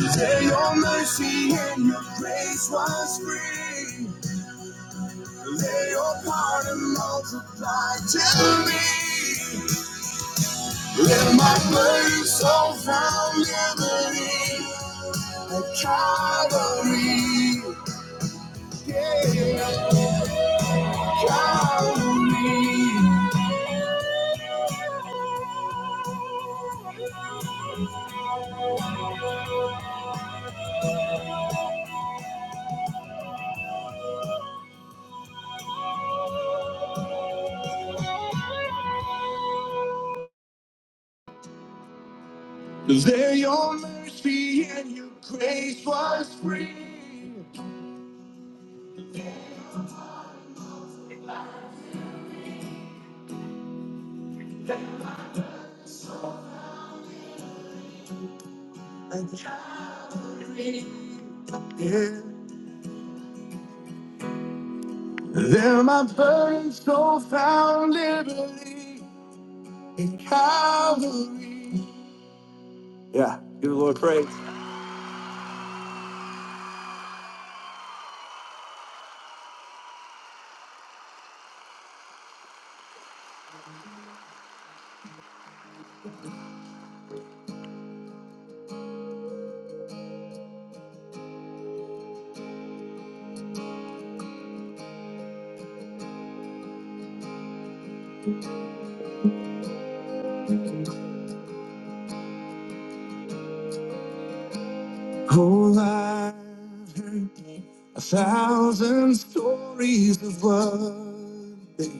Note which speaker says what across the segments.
Speaker 1: Lay your mercy and your grace was free. Lay your pardon multiply to me. Let my burning soul found liberty at Calvary. Yeah, Calvary. Lay your mercy and your grace was free. At Calvary. Yeah. There my burden so found liberty in Calvary. Yeah, give the Lord praise. Oh, I've heard a thousand stories of what they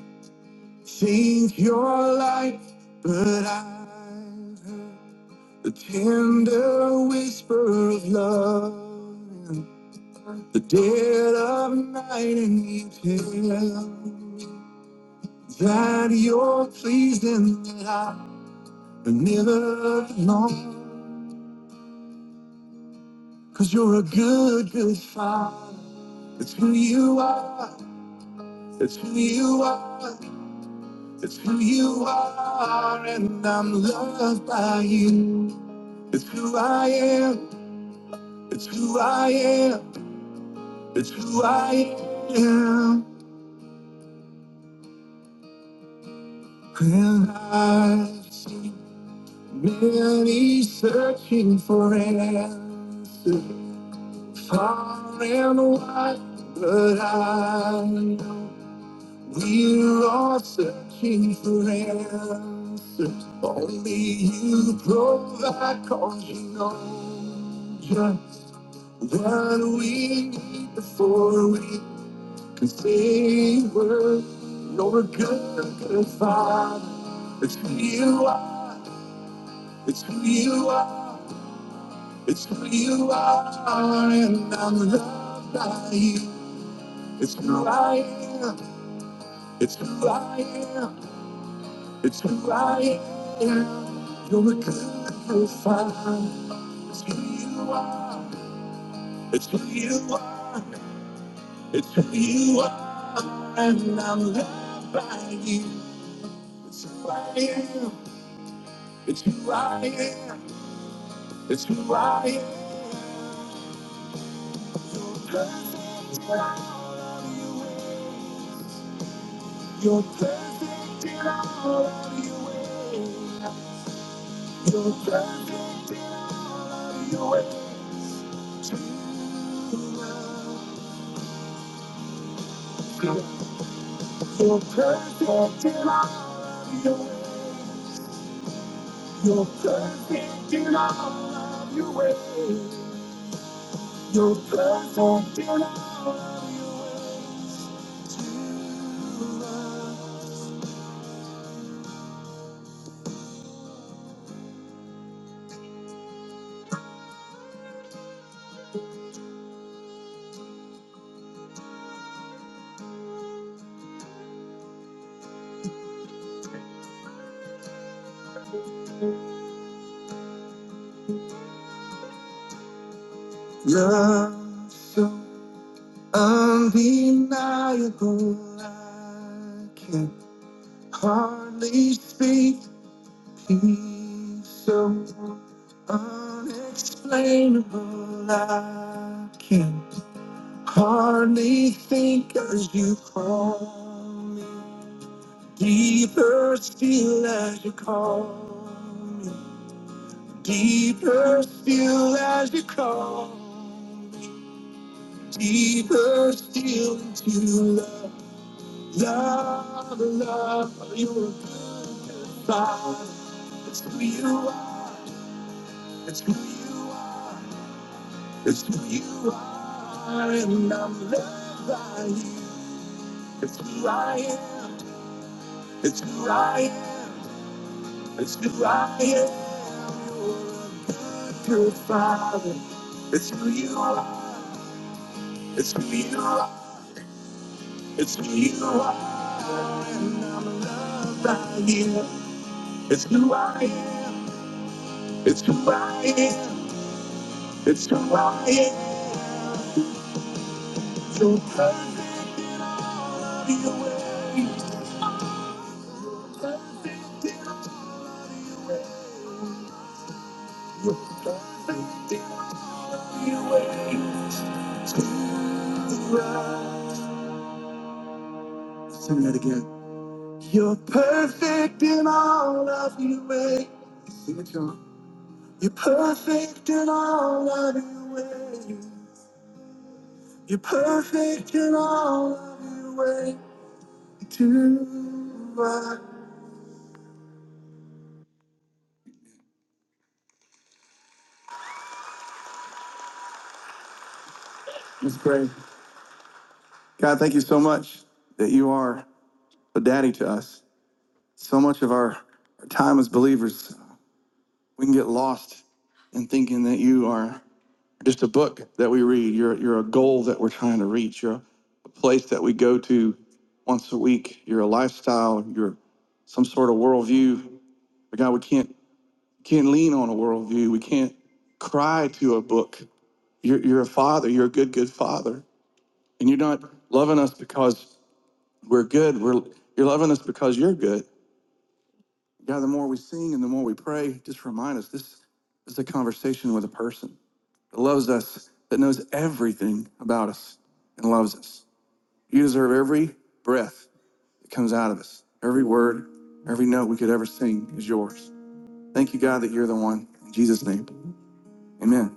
Speaker 1: think you're like, but I've heard the tender whisper of love in the dead of night, and you tell. me that you're pleased and that I never long. Cause you're a good, good father. It's who you are. It's who you are. It's who you are. And I'm loved by you. It's who I am. It's who I am. It's who I am. And I've seen many searching for answers. Far and wide, but I know we're all searching for answers. Only you provide, cause you know just what we need before we can say we're Lord, good, good Father. It's who you are, it's who you are, it's who you are, and I'm loved by you. It's who I am. It's who I am. It's who I am. You're a good profile. It's who you are. It's who you are. It's who you are. And I'm loved by you. It's who I am. It's who I am. It's who I am. You're perfect in all of your ways. You're perfect in all of your ways. To love. You're perfect in all of your ways. You're perfect in all of your ways. You're perfect in all of your ways. You Love love so undeniable. I can hardly speak peace so unexplainable. I can Hardly think as you call me. Deeper still as you call me. Deeper still as you call me. Deeper still into love. Love, love, you're a good father. It's who you are. It's who you are. It's who you are. And I'm loved by you. It's who I am. It's who I am. It's who I am. The pure Father. It's who you are. It's who you are. It's who you are. I am. It's who I am. It's who I am. It's who I am. You're worthy. You're worthy. Sing that again. You're perfect in all of your ways. Sing it, John. You're perfect in all of your ways. You're perfect in all of your way to us. Let's pray. God, thank you so much that you are a daddy to us. So much of our, our time as believers, we can get lost in thinking that you are just a book that we read. You're, you're a goal that we're trying to reach. You're a place that we go to once a week. You're a lifestyle. You're some sort of worldview. But God, we can't can't lean on a worldview. We can't cry to a book. You're, you're a father. You're a good, good father. And you're not loving us because we're good. We're, you're loving us because you're good. God, the more we sing and the more we pray, just remind us this is a conversation with a person that loves us, that knows everything about us and loves us. You deserve every breath that comes out of us, every word, every note we could ever sing is yours. Thank you, God, that you're the one. In Jesus' name, amen.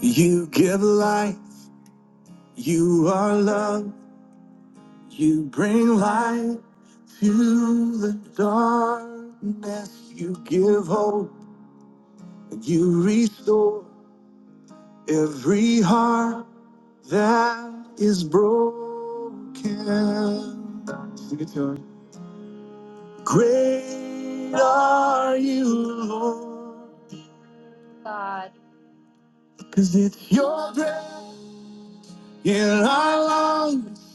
Speaker 1: You give life, you are love. You bring light to the darkness. You give hope. You restore every heart that is broken. Sing it to him. Great are you, Lord. God. Your breath in our lungs.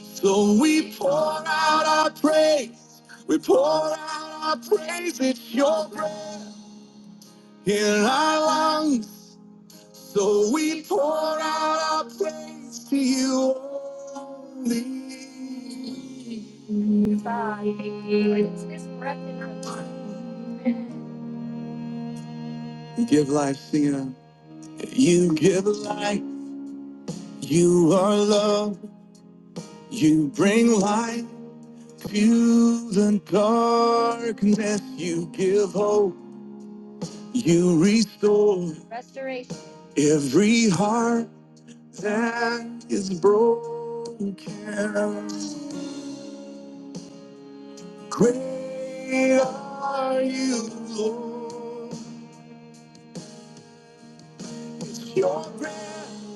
Speaker 1: So we pour out our praise. We pour out our praise. It's your breath. in our lungs. So we pour out our praise to you only. You give life, sing it out. You give life, you are love, you bring light to the darkness, you give hope, you restore restoration. every heart. that is broken. Great are you, Lord. It's your breath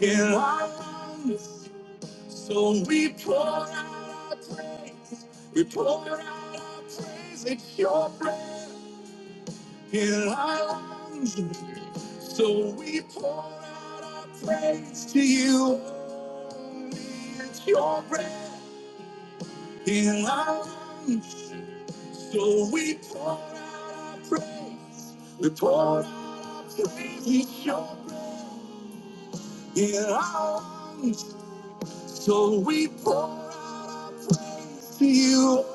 Speaker 1: in our lungs. So we pour out our praise. We pour out our praise. It's your breath in our lungs. So we pour out our praise to you. It's your breath. in our lives. So we pour out our praise. We pour out our praise. We show praise in our lives. So we pour out our praise to you.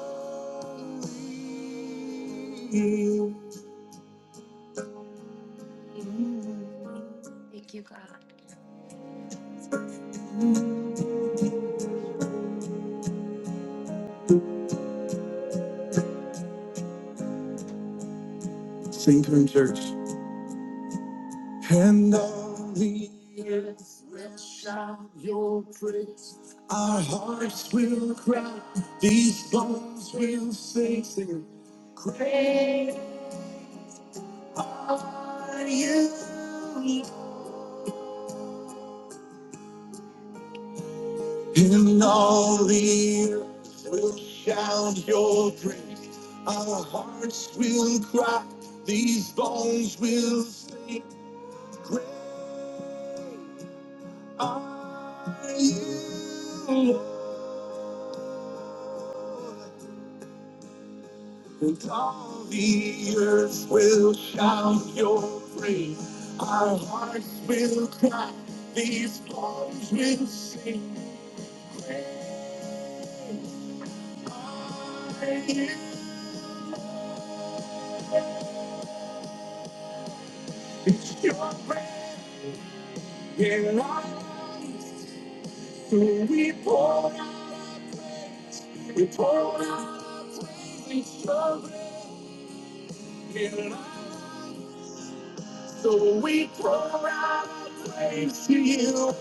Speaker 1: Thank you, God. Sing to him, church. And all the earth will shout your praise. Our hearts will cry. These bones will sing. Sing. it. Great Are you in all the earth will shout your praise. Our hearts will cry, these bones will sing. Great are you, Lord, and all the earth will shout your praise. Our hearts will cry, these bones will sing. Great are you, it's your praise. Here I am, we pour out, our praise, we pour out, our praise, we show it. Here I so we pour out our praise to you.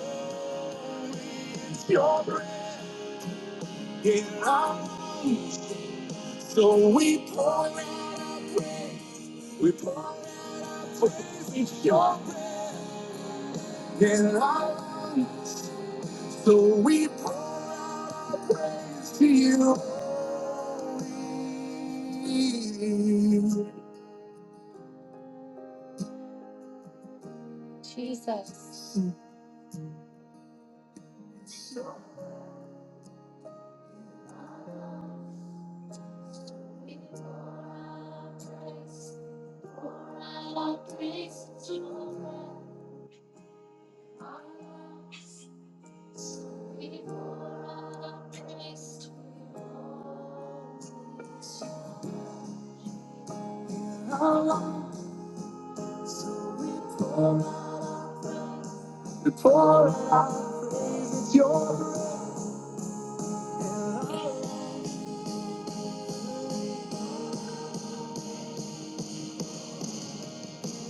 Speaker 1: It's your breath. Here I am, so we pour out, our praise, we pour out our praise. It's your breath. Here I am, so we pour out to you. Jesus.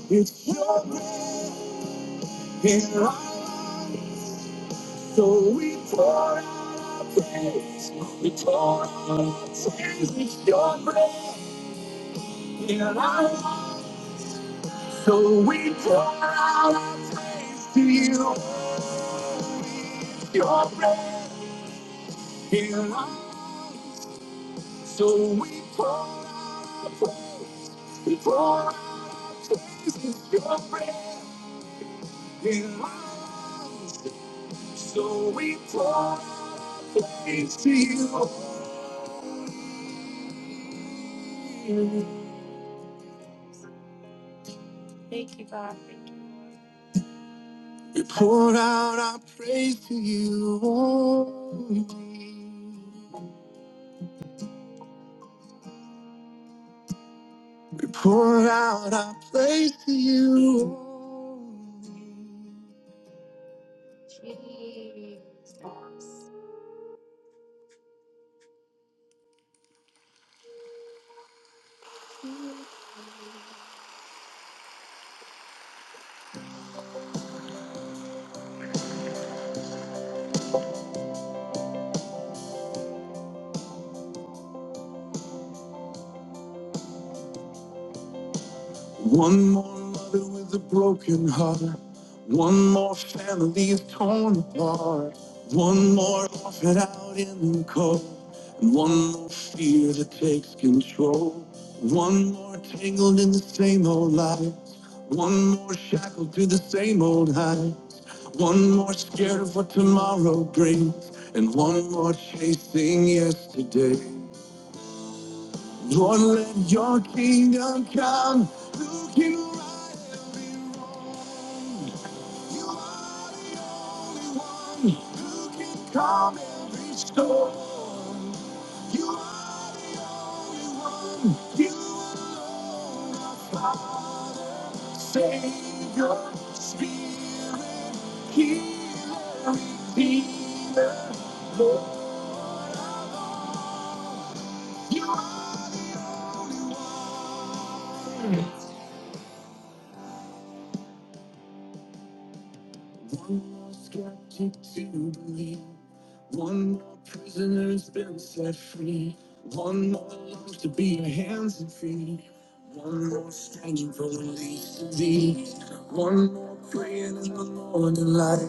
Speaker 1: It's your breath in our life, so we pour out our praise. We pour out our praise. It's your breath in our life, so we pour out our praise to you. It's Your breath in our life, so we pour out our praise. Before our place your breath in my lungs, so we pour into you. Thank you, God. Thank you. We pour out our praise to you. only. We pour out our praise to you. only. Jesus. One more mother with a broken heart. One more family torn apart. One more orphan out in the cold. And one more fear that takes control. One more tangled in the same old lies. One more shackled to the same old high. One more scared of what tomorrow brings. And one more chasing yesterday. Lord, let your kingdom come. Looking right, you are Calm every storm. You are the one. You are Father, Savior, Speak, Healer, Redeemer, Lord. One more skeptic to believe. One more prisoner's been set free. One more love to be your hands and feet. One more stranger for release to be. One more praying in the morning light.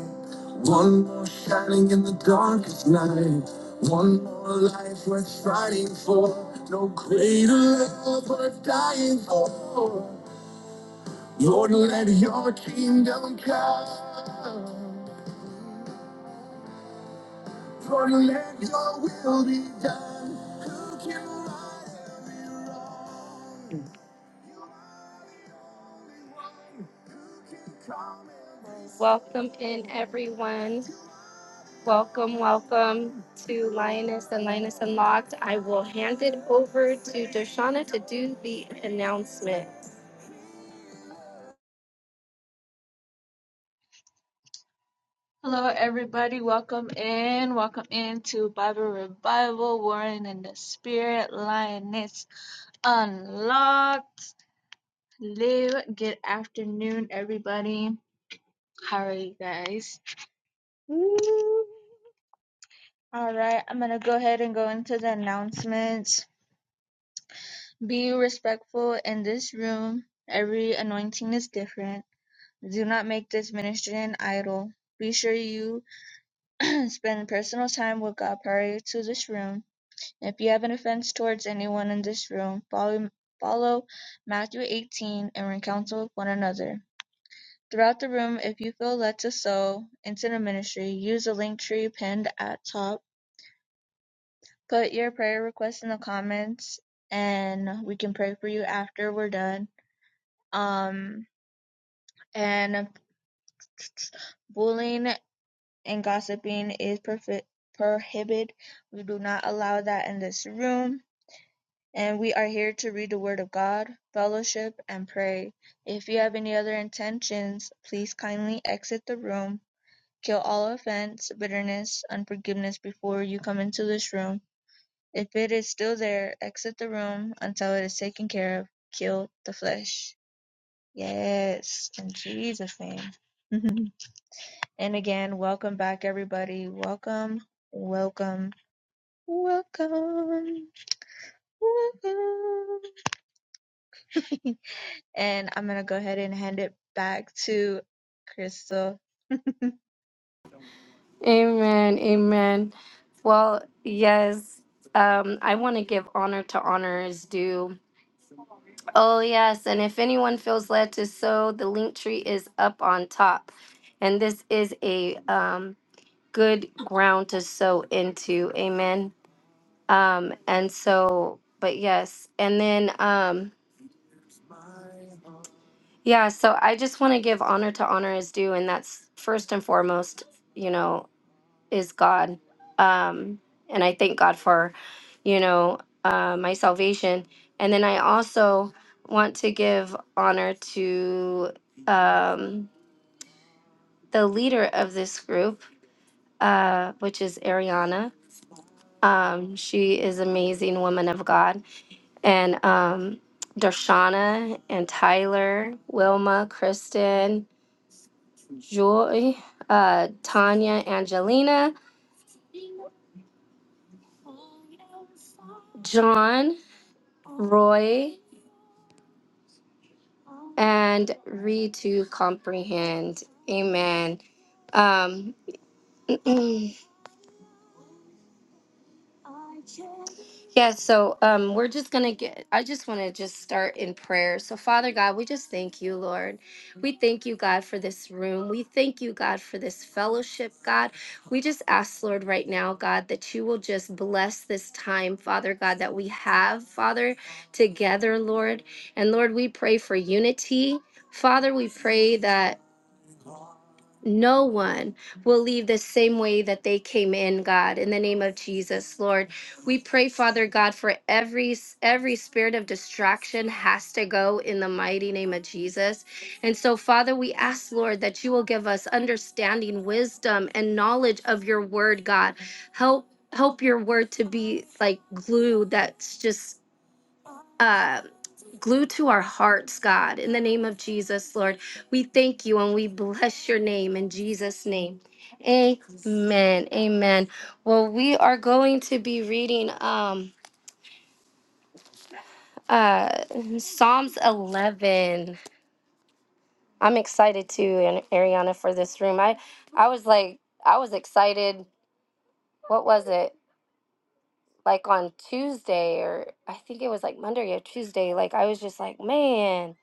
Speaker 1: One more shining in the darkest night. One more life worth fighting for. No greater love worth dying for. Lord, let your kingdom come. For let your will be done. Who can rise? Welcome in, everyone. Welcome, welcome to Lioness and Lioness Unlocked. I will hand it over to Doshana to do the announcement. Amen, amen. Well, yes, um, I want to give honor to honor is due. Oh, yes. And if anyone feels led to sow, the link tree is up on top. And this is a um, good ground to sow into. Amen. Um, and so, but yes. And then, um, yeah, so I just want to give honor to honor is due. And that's first and foremost, you know is God. Um, and I thank God for, you know, uh, my salvation. And then I also want to give honor to um, the leader of this group, uh, which is Ariana. Um, she is amazing woman of God. And um, Darshana and Tyler, Wilma, Kristen, Joy, uh, Tanya, Angelina. John, Roy, and read to comprehend. Amen. Um, Yeah, so um, we're just going to get, I just want to just start in prayer. So, Father God, we just thank you, Lord. We thank you, God, for this room. We thank you, God, for this fellowship, God. We just ask, Lord, right now, God, that you will just bless this time, Father God, that we have, Father, together, Lord. And Lord, we pray for unity. Father, we pray that. No one will leave the same way that they came in, God, in the name of Jesus, Lord. We pray, Father God, for every every spirit of distraction has to go in the mighty name of Jesus. And so, Father, we ask, Lord, that you will give us understanding, wisdom, and knowledge of your word, God. Help help your word to be like glue that's just uh glue to our hearts, God, in the name of Jesus, Lord. We thank you and we bless your name in Jesus' name. Amen. Amen. Well, we are going to be reading um uh Psalms 11. I'm excited too, and Ariana for this room. I I was like I was excited. What was it? Like on Tuesday or I think it was like Monday or Tuesday. Like I was just like, man,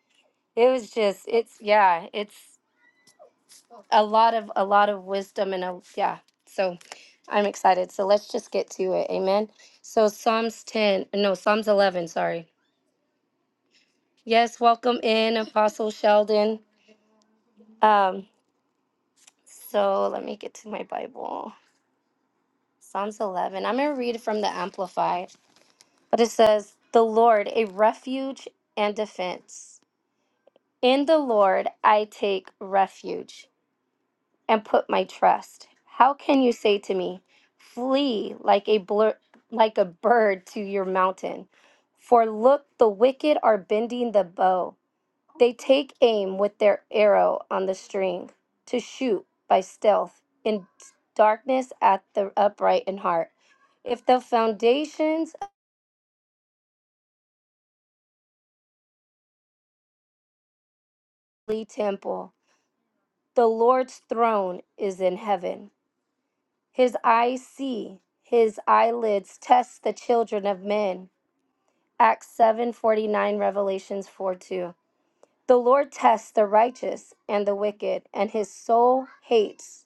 Speaker 1: it was just it's yeah, it's a lot of a lot of wisdom and a yeah so i'm excited so let's just get to it amen so psalms 10 no psalms 11 sorry yes welcome in apostle sheldon um so let me get to my bible psalms 11 i'm going to read from the amplified but it says the lord a refuge and defense in the lord i take refuge and put my trust. How can you say to me, flee like a blur, like a bird to your mountain? For look, the wicked are bending the bow. They take aim with their arrow on the string to shoot by stealth in darkness at the upright in heart. If the foundations of the temple, the Lord's throne is in heaven. His eyes see, his eyelids test the children of men. Acts 7:49 Revelations 4:2 The Lord tests the righteous and the wicked and his soul hates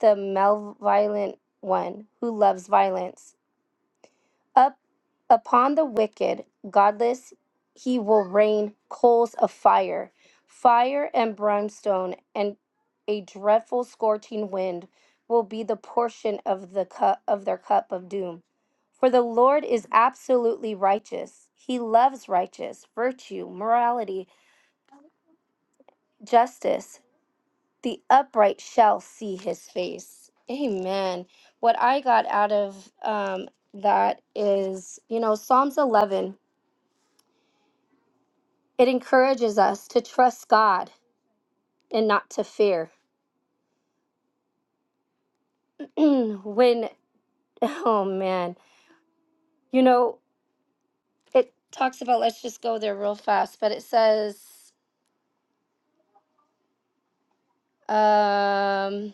Speaker 1: the malevolent one who loves violence up upon the wicked, godless, he will rain coals of fire, fire and brimstone, and a dreadful scorching wind will be the portion of the cup of their cup of doom. For the Lord is absolutely righteous. He loves righteous, virtue, morality, justice. The upright shall see his face. Amen. What I got out of um, that is, you know, Psalms 11 It encourages us to trust God and not to fear. when, oh man, you know, it talks about, let's just go there real fast, but it says, um,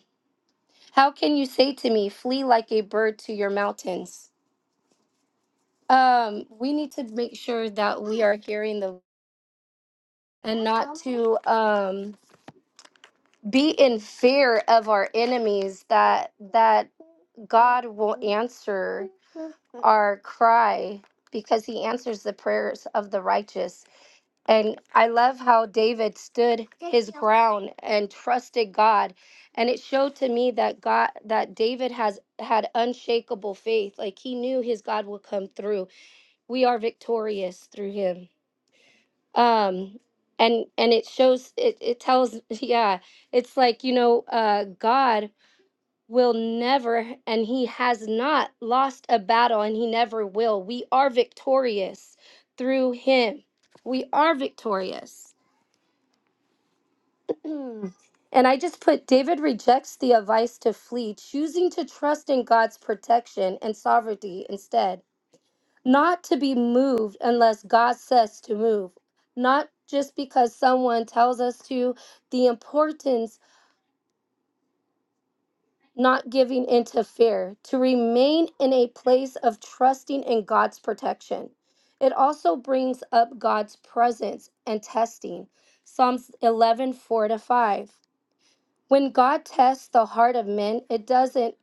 Speaker 1: how can you say to me, flee like a bird to your mountains? Um, we need to make sure that we are hearing the and not to um be in fear of our enemies that that God will answer our cry because he answers the prayers of the righteous. And I love how David stood his ground and trusted God. And it showed to me that God that David has had unshakable faith. Like he knew his God would come through. We are victorious through him. Um and and it shows it, it tells yeah, it's like, you know, uh God will never and he has not lost a battle and he never will. We are victorious through him. We are victorious. and I just put David rejects the advice to flee, choosing to trust in God's protection and sovereignty instead. Not to be moved unless God says to move. Not just because someone tells us to, the importance not giving into fear, to remain in a place of trusting in God's protection. It also brings up God's presence and testing. Psalms 11 4 to 5. When God tests the heart of men, it doesn't,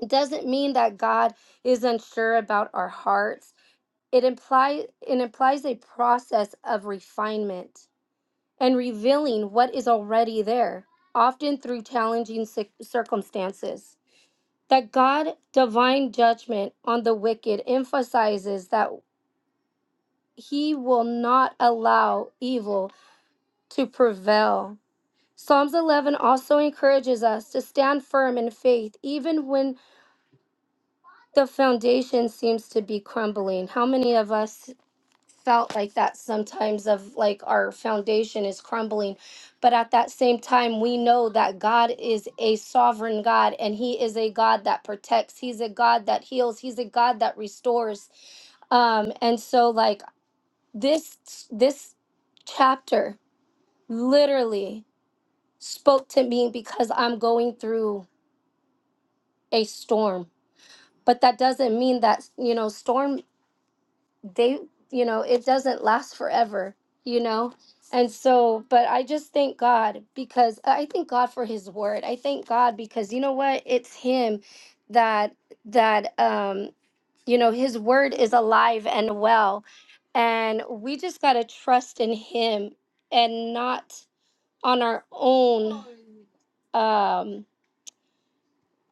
Speaker 1: it doesn't mean that God is unsure about our hearts. It, implies it implies a process of refinement and revealing what is already there, often through challenging cir- circumstances. that God's divine judgment on the wicked emphasizes that he will not allow evil to prevail. Psalms 11 also encourages us to stand firm in faith even when the foundation seems to be crumbling. How many of us felt like that sometimes of like our foundation is crumbling but at that same time we know that God is a sovereign God and he is a God that protects he's a God that heals he's a God that restores um and so like this this chapter literally spoke to me because I'm going through a storm but that doesn't mean that you know storm they you know it doesn't last forever you know and so but i just thank god because i thank god for his word i thank god because you know what it's him that that um you know his word is alive and well and we just got to trust in him and not on our own um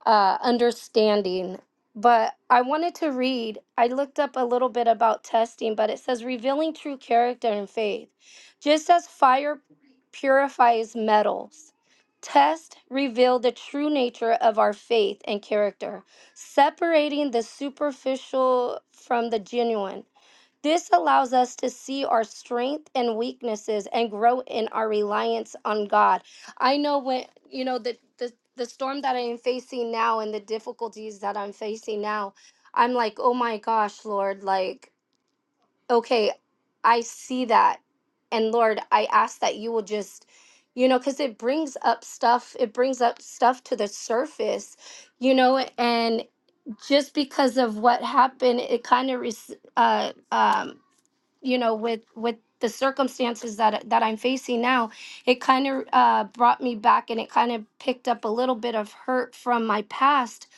Speaker 1: uh, understanding. But I wanted to read, I looked up a little bit about testing, but it says revealing true character and faith. Just as fire purifies metals, test reveal the true nature of our faith and character, separating the superficial from the genuine. This allows us to see our strength and weaknesses and grow in our reliance on God. I know when, you know, the, the, the storm that I'm facing now and the difficulties that I'm facing now, I'm like, oh my gosh, Lord, like, okay, I see that. And Lord, I ask that you will just, you know, because it brings up stuff, it brings up stuff to the surface, you know, and just because of what happened, it kind of, uh, um, you know with with the circumstances that that I'm facing now it kind of uh, brought me back and it kind of picked up a little bit of hurt from my past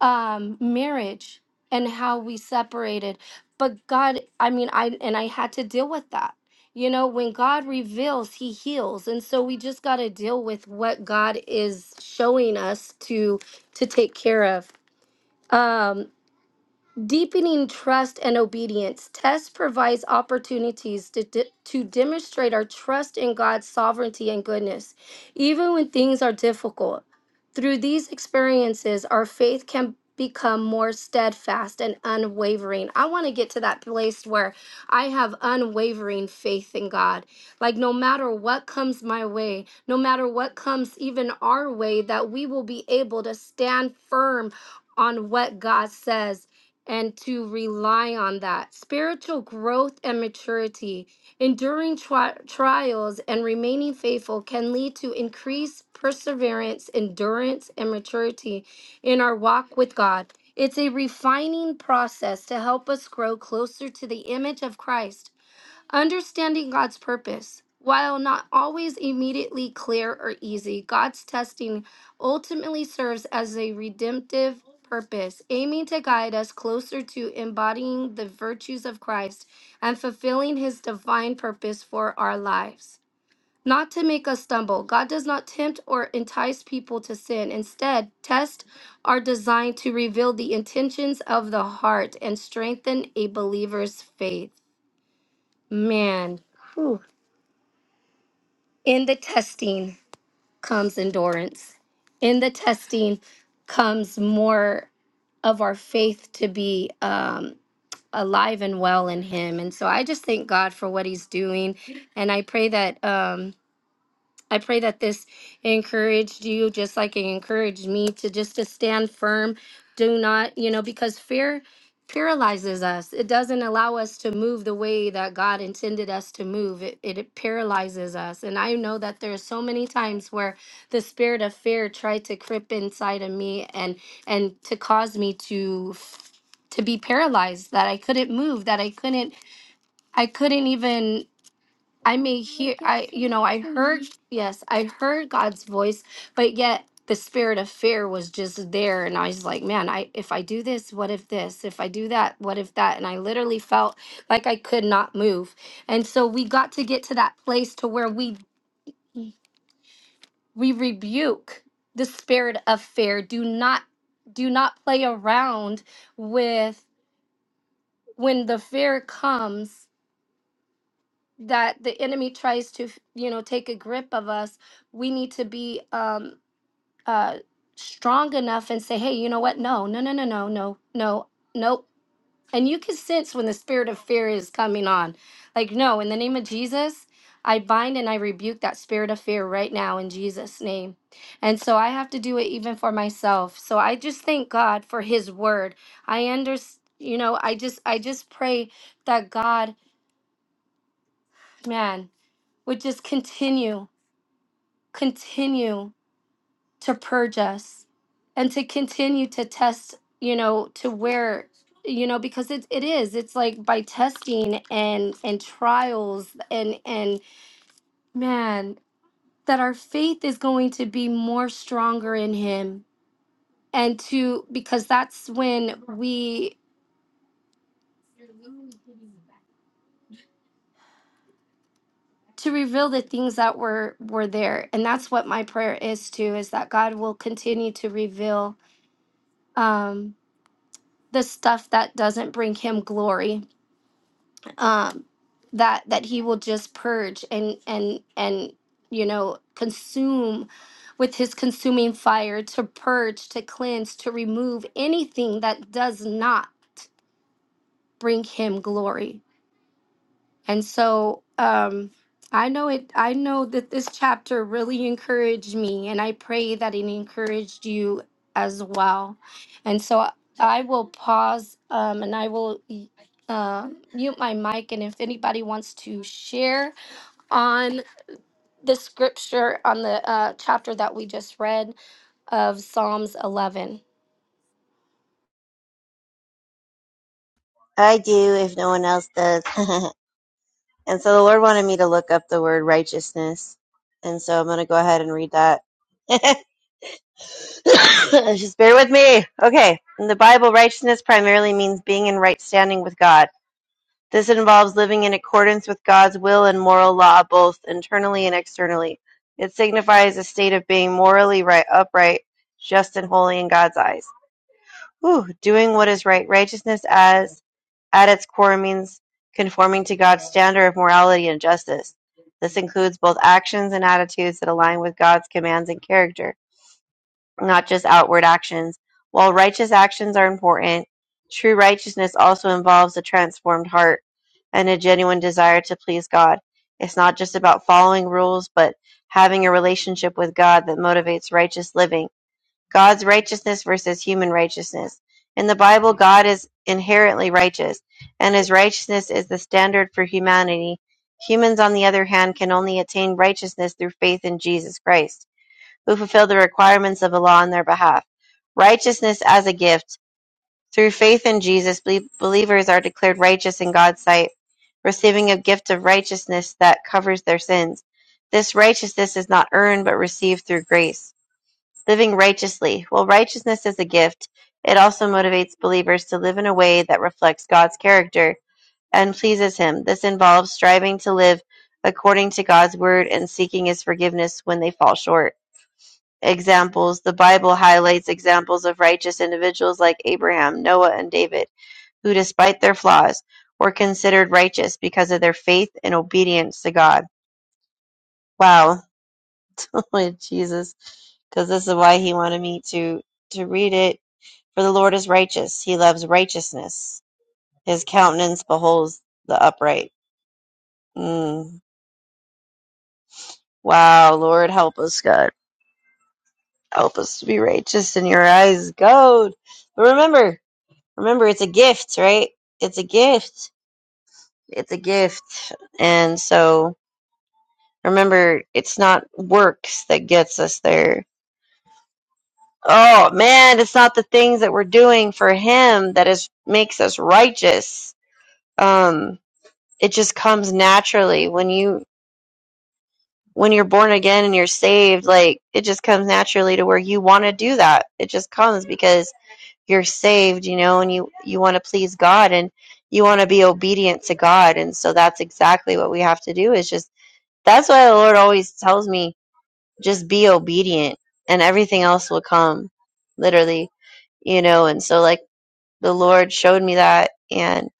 Speaker 1: um, marriage and how we separated but God I mean I and I had to deal with that you know when God reveals he heals and so we just got to deal with what God is showing us to to take care of um Deepening trust and obedience. Test provides opportunities to, de- to demonstrate our trust in God's sovereignty and goodness, even when things are difficult. Through these experiences, our faith can become more steadfast and unwavering. I want to get to that place where I have unwavering faith in God. Like, no matter what comes my way, no matter what comes even our way, that we will be able to stand firm on what God says and to rely on that. Spiritual growth and maturity, enduring tri- trials and remaining faithful can lead to increased perseverance, endurance, and maturity in our walk with God. It's a refining process to help us grow closer to the image of Christ. Understanding God's purpose. While not always immediately clear or easy, God's testing ultimately serves as a redemptive purpose, aiming to guide us closer to embodying the virtues of Christ and fulfilling his divine purpose for our lives. Not to make us stumble, God does not tempt or entice people to sin. Instead, tests are designed to reveal the intentions of the heart and strengthen a believer's faith. Man. Whew. In the testing comes endurance. In the testing comes more of our faith to be um, alive and well in Him. And so I just thank God for what He's doing. And I pray that. Um, I pray that this encouraged you just like it encouraged me to just to stand firm. Do not, you know, because fear paralyzes us. It doesn't allow us to move the way that God intended us to move. It, it paralyzes us. And I know that there's so many times where the spirit of fear tried to creep inside of me and and to cause me to to be paralyzed that I couldn't move, that I couldn't I couldn't even I may hear, I, you know, I heard, yes, I heard God's voice, but yet the spirit of fear was just there. And I was like, man, I, if I do this, what if this? If I do that, what if that? And I literally felt like I could not move. And so we got to get to that place to where we, we rebuke the spirit of fear. Do not, do not play around with when the fear comes that the enemy tries to you know take a grip of us we need to be um uh strong enough and say hey you know what no no no no no no no nope and you can sense when the spirit of fear is coming on like no in the name of jesus i bind and i rebuke that spirit of fear right now in jesus name and so i have to do it even for myself so i just thank god for his word i understand you know i just i just pray that god man, would just continue, continue to purge us and to continue to test, you know, to where, you know, because it, it is, it's like by testing and, and trials and, and man, that our faith is going to be more stronger in him. And to, because that's when we, to reveal the things that were, were there. And that's what my prayer is too, is that God will continue to reveal, um, the stuff that doesn't bring him glory um that that he will just purge and and and you know consume with his consuming fire to purge to cleanse to remove anything that does not bring him glory And so um, I know it. I know that this chapter really encouraged me, and I pray that it encouraged you as well. And so I will pause um, and I will uh, mute my mic. And if anybody wants to share on the scripture on the uh, chapter that we just read of Psalms 11,
Speaker 2: I do if no one else does. and so the Lord wanted me to look up the word righteousness. And so I'm going to go ahead and read that. Just bear with me. Okay. In the Bible, righteousness primarily means being in right standing with God. This involves living in accordance with God's will and moral law, both internally and externally. It signifies a state of being morally right, upright, just, and holy in God's eyes. Whew, doing what is right. Righteousness as at its core means conforming to God's standard of morality and justice. This includes both actions and attitudes that align with God's commands and character, not just outward actions. While righteous actions are important, true righteousness also involves a transformed heart and a genuine desire to please God. It's not just about following rules, but having a relationship with God that motivates righteous living. God's righteousness versus human righteousness. In the Bible, God is inherently righteous, and his righteousness is the standard for humanity. Humans, on the other hand, can only attain righteousness through faith in Jesus Christ, who fulfilled the requirements of the law on their behalf. Righteousness as a gift. Through faith in Jesus, believers are declared righteous in God's sight, receiving a gift of righteousness that covers their sins. This righteousness is not earned but received through grace living righteously. While righteousness is a gift, it also motivates believers to live in a way that reflects God's character and pleases Him. This involves striving to live according to God's word and seeking His forgiveness when they fall short. Examples The Bible highlights examples of righteous individuals like Abraham, Noah, and David, who, despite their flaws, were considered righteous because of their faith and obedience to God. Wow. Jesus. Because this is why he wanted me to to read it For the Lord is righteous; he loves righteousness. His countenance beholds the upright. Mm. Wow, Lord, help us, God. Help us to be righteous in your eyes, God. But remember, remember, it's a gift, right? It's a gift. It's a gift. And so, remember, it's not works that gets us there. Oh man, it's not the things that we're doing for him that is makes us righteous. Um, it just comes naturally when you when you're born again and you're saved, like it just comes naturally to where you want to do that. It just comes because you're saved, you know, and you you want to please God and you want to be obedient to God. And so that's exactly what we have to do is just that's why the Lord always tells me just be obedient and everything else will come literally, you know. And so like the Lord showed me that and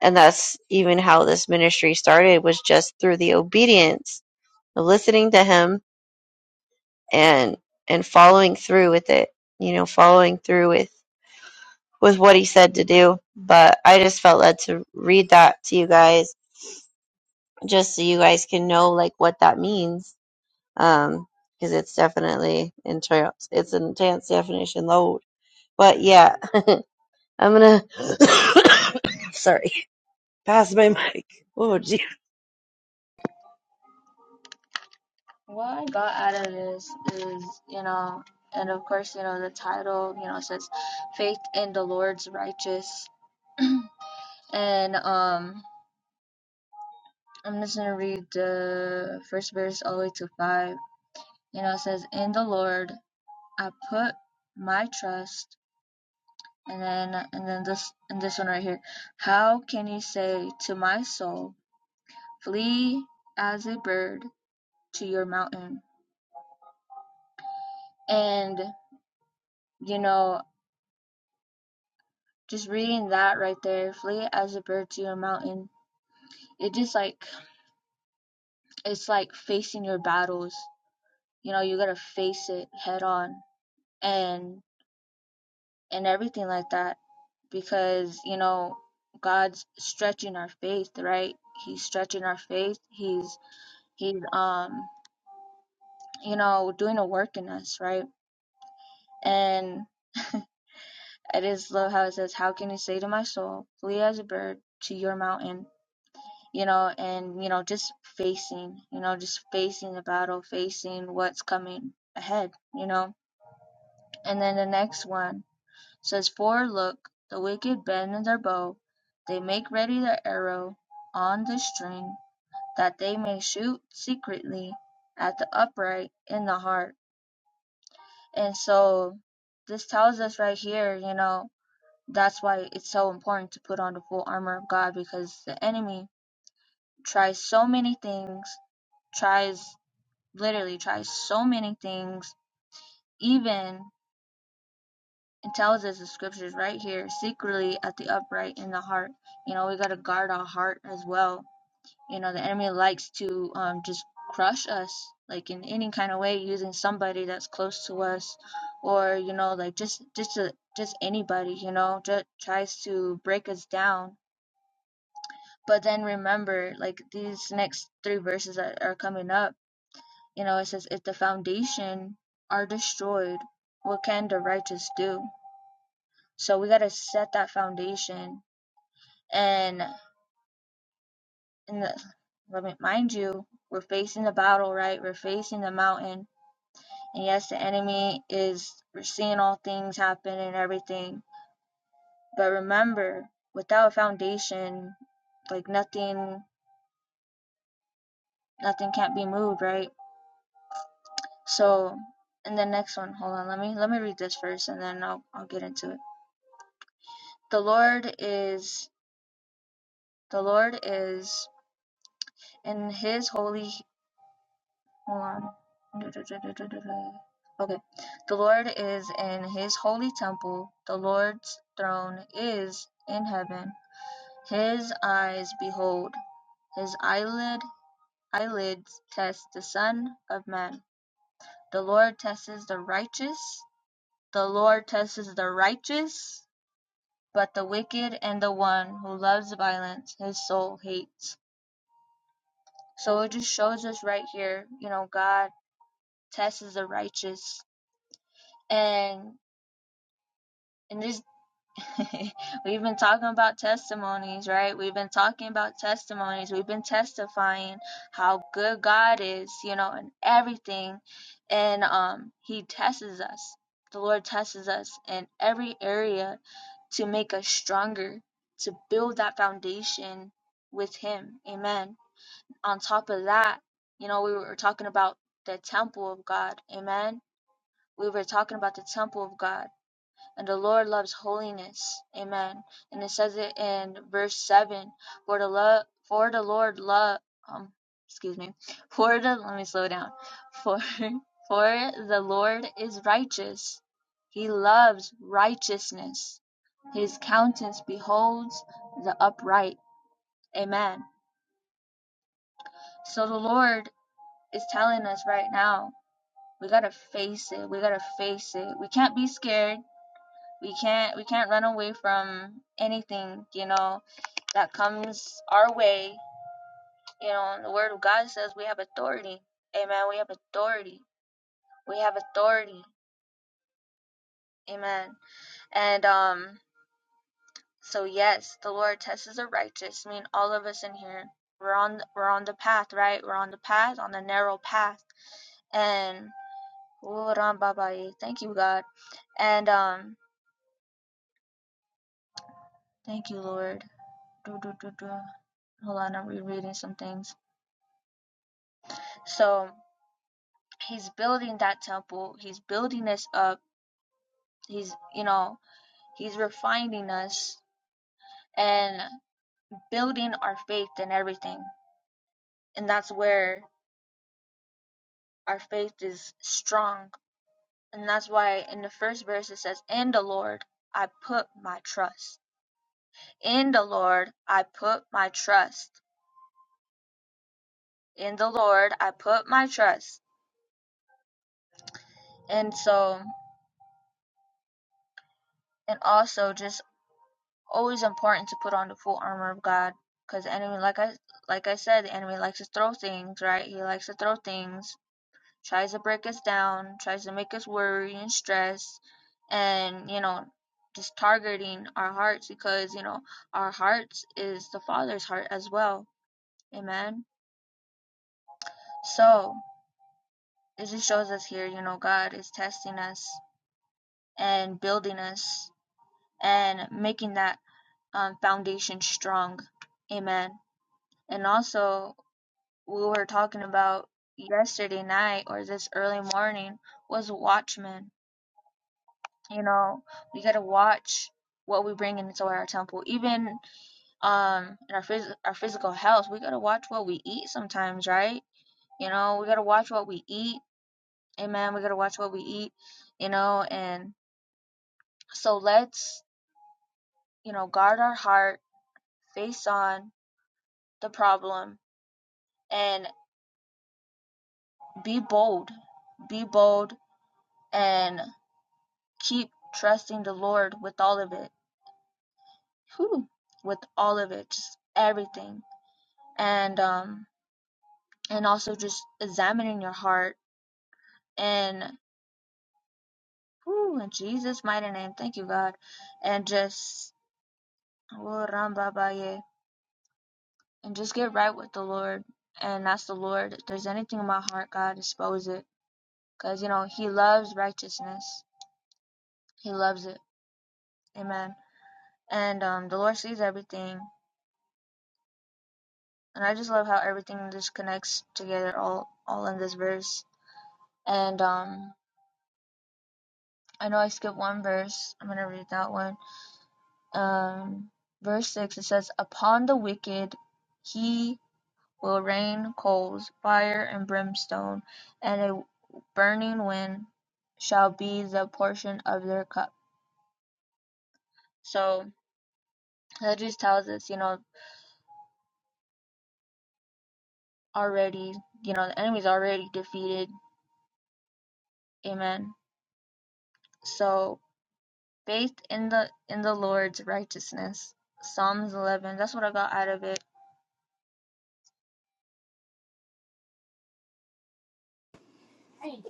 Speaker 2: and that's even how this ministry started was just through the obedience of listening to him and and following through with it you know following through with with what he said to do but i just felt led to read that to you guys just so you guys can know like what that means um because it's definitely intense it's an intense definition load but yeah i'm gonna sorry pass my mic oh gee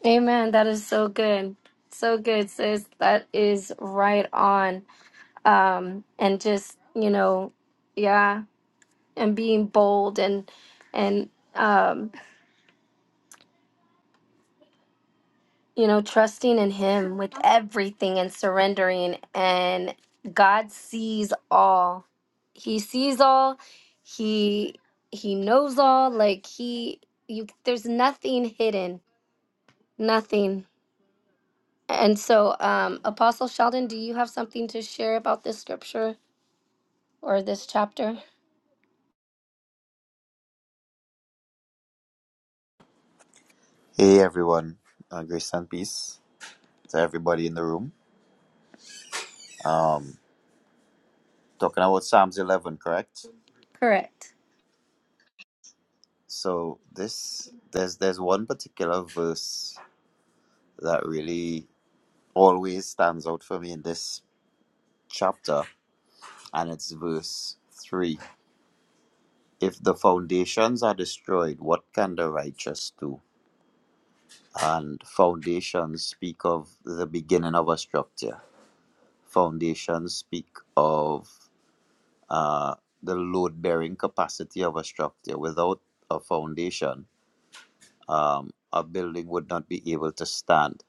Speaker 1: Amen. That is so good. So good, sis. That is right on. um, and just you know yeah and being bold and and um, you know trusting in him with everything and surrendering and god sees all he sees all he he knows all like he you there's nothing hidden nothing and so um apostle sheldon do you have something to share about this scripture or this chapter
Speaker 3: Hey everyone, uh, grace and peace to everybody in the room. Talking about Psalms 11, correct?
Speaker 1: correct
Speaker 3: So this there's there's one particular verse that really always stands out for me in this chapter, and it's verse three. If the foundations are destroyed, what can the righteous do? And foundations speak of the beginning of a structure. Foundations speak of uh, the load bearing capacity of a structure. Without a foundation, um, a building would not be able to stand.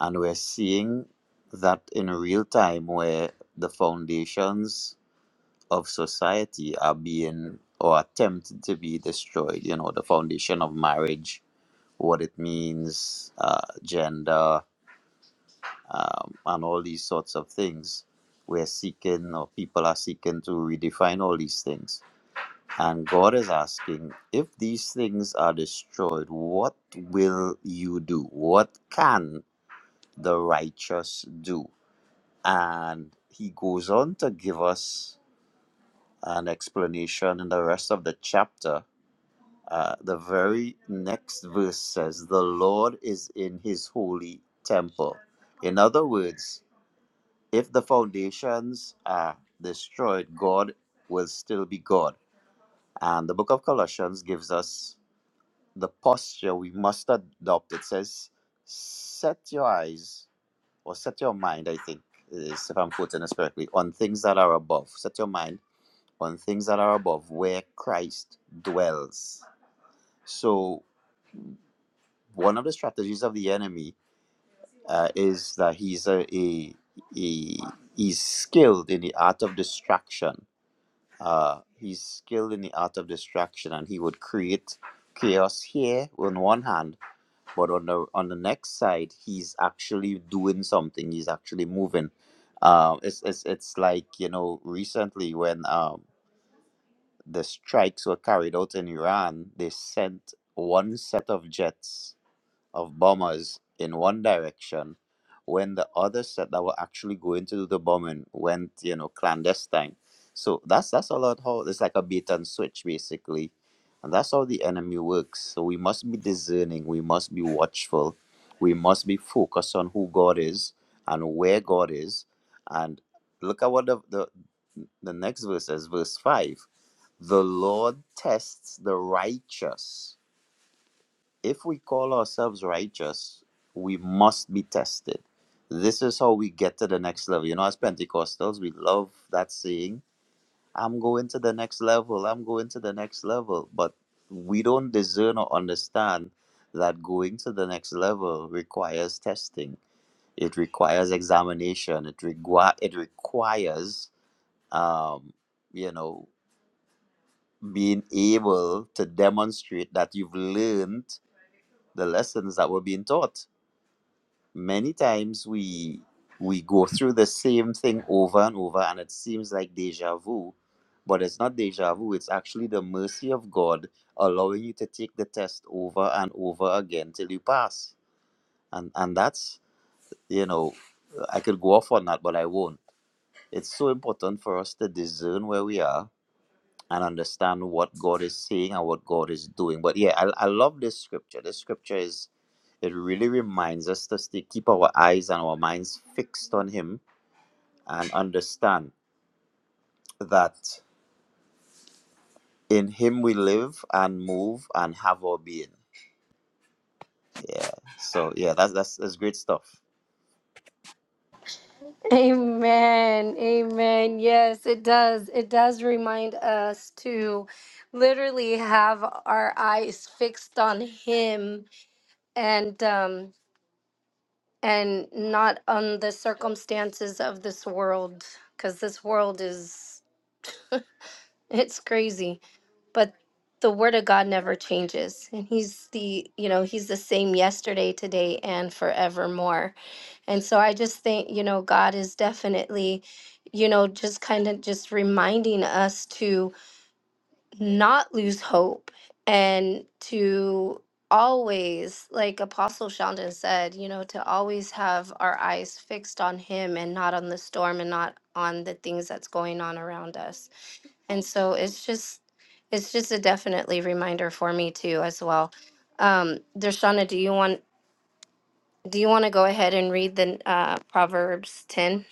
Speaker 3: And we're seeing that in real time where the foundations of society are being or attempted to be destroyed. You know, the foundation of marriage, what it means, uh, gender, um, and all these sorts of things. We're seeking, or people are seeking to redefine all these things And God is asking, if these things are destroyed, what will you do? What can the righteous do? And he goes on to give us an explanation in the rest of the chapter. Uh, the very next verse says, The Lord is in his holy temple. In other words, if the foundations are destroyed, God will still be God. And the book of Colossians gives us the posture we must adopt. It says, set your eyes or set your mind, I think, is, if I'm quoting this correctly, on things that are above. Set your mind on things that are above where Christ dwells. So, one of the strategies of the enemy uh, is that he's a, a, a he's skilled in the art of distraction. Uh, he's skilled in the art of distraction, and he would create chaos here on one hand but on the on the next side he's actually doing something he's actually moving um it's it's, it's like you know recently when um the strikes were carried out in iran they sent one set of jets of bombers in one direction when the other set that were actually going to do the bombing went, you know, clandestine. So that's that's a lot how it's like a bait and switch basically. And that's how the enemy works. So we must be discerning, we must be watchful, we must be focused on who God is and where God is. And look at what the the, the next verse is, verse five. The Lord tests the righteous if we call ourselves righteous, we must be tested. This is how we get to the next level. You know, as Pentecostals, we love that saying, I'm going to the next level, I'm going to the next level. But we don't discern or understand that going to the next level requires testing, it requires examination, it, requi- it requires, um, you know, being able to demonstrate that you've learned the lessons that were being taught many times we we go through the same thing over and over and it seems like deja vu but it's not deja vu it's actually the mercy of god allowing you to take the test over and over again till you pass and and that's you know i could go off on that but i won't it's so important for us to discern where we are and understand what God is saying and what God is doing. But yeah, I, I love this scripture. This scripture is, it really reminds us to stay, keep our eyes and our minds fixed on Him and understand that in Him we live and move and have our being. Yeah. So yeah, that's that's that's great stuff.
Speaker 1: Amen. Amen. Yes, it does. It does remind us to literally have our eyes fixed on him and um and not on the circumstances of this world cuz this world is it's crazy, but the word of God never changes. And he's the, you know, he's the same yesterday, today and forevermore. And so I just think, you know, God is definitely, you know, just kind of just reminding us to not lose hope and to always, like Apostle Sheldon said, you know, to always have our eyes fixed on Him and not on the storm and not on the things that's going on around us. And so it's just, it's just a definitely reminder for me too, as well. Um, Dershana, do you want do you want to go ahead and read the uh, Proverbs 10?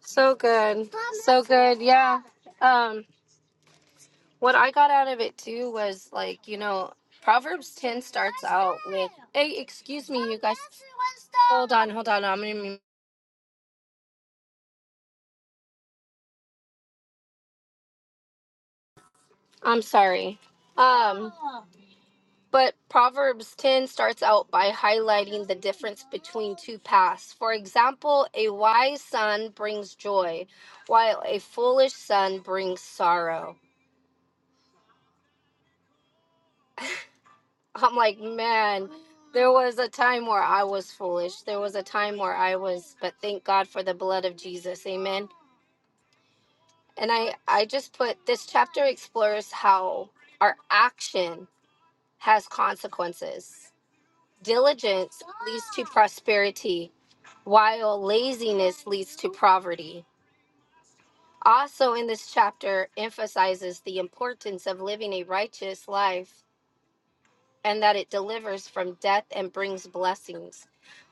Speaker 1: So good. So good. Yeah. Um, what I got out of it too was like, you know, Proverbs 10 starts out with, hey, excuse me, you guys. Hold on, hold on. I'm, gonna- I'm sorry. Um, but Proverbs 10 starts out by highlighting the difference between two paths. For example, a wise son brings joy, while a foolish son brings sorrow. I'm like, man, there was a time where I was foolish. There was a time where I was, but thank God for the blood of Jesus. Amen. And I, I just put this chapter explores how our action has consequences. Diligence leads to prosperity, while laziness leads to poverty. Also, in this chapter, emphasizes the importance of living a righteous life and that it delivers from death and brings blessings,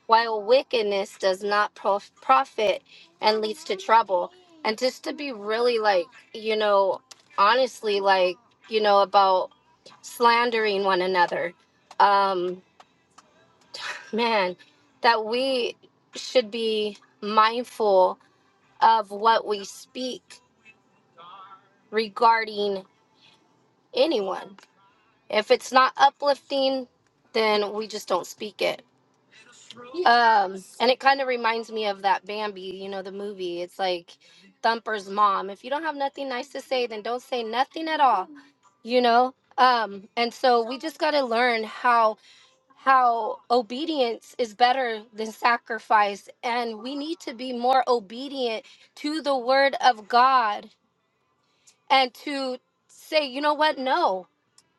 Speaker 1: while wickedness does not prof- profit and leads to trouble. And just to be really like, you know, honestly, like, you know, about slandering one another, um, man, that we should be mindful of what we speak regarding anyone. If it's not uplifting, then we just don't speak it Um, and it kind of reminds me of that Bambi, you know, the movie. It's like Thumper's mom. If you don't have nothing nice to say, then don't say nothing at all, you know? Um, and so we just got to learn how how obedience is better than sacrifice and we need to be more obedient to the word of God and to say, you know what? No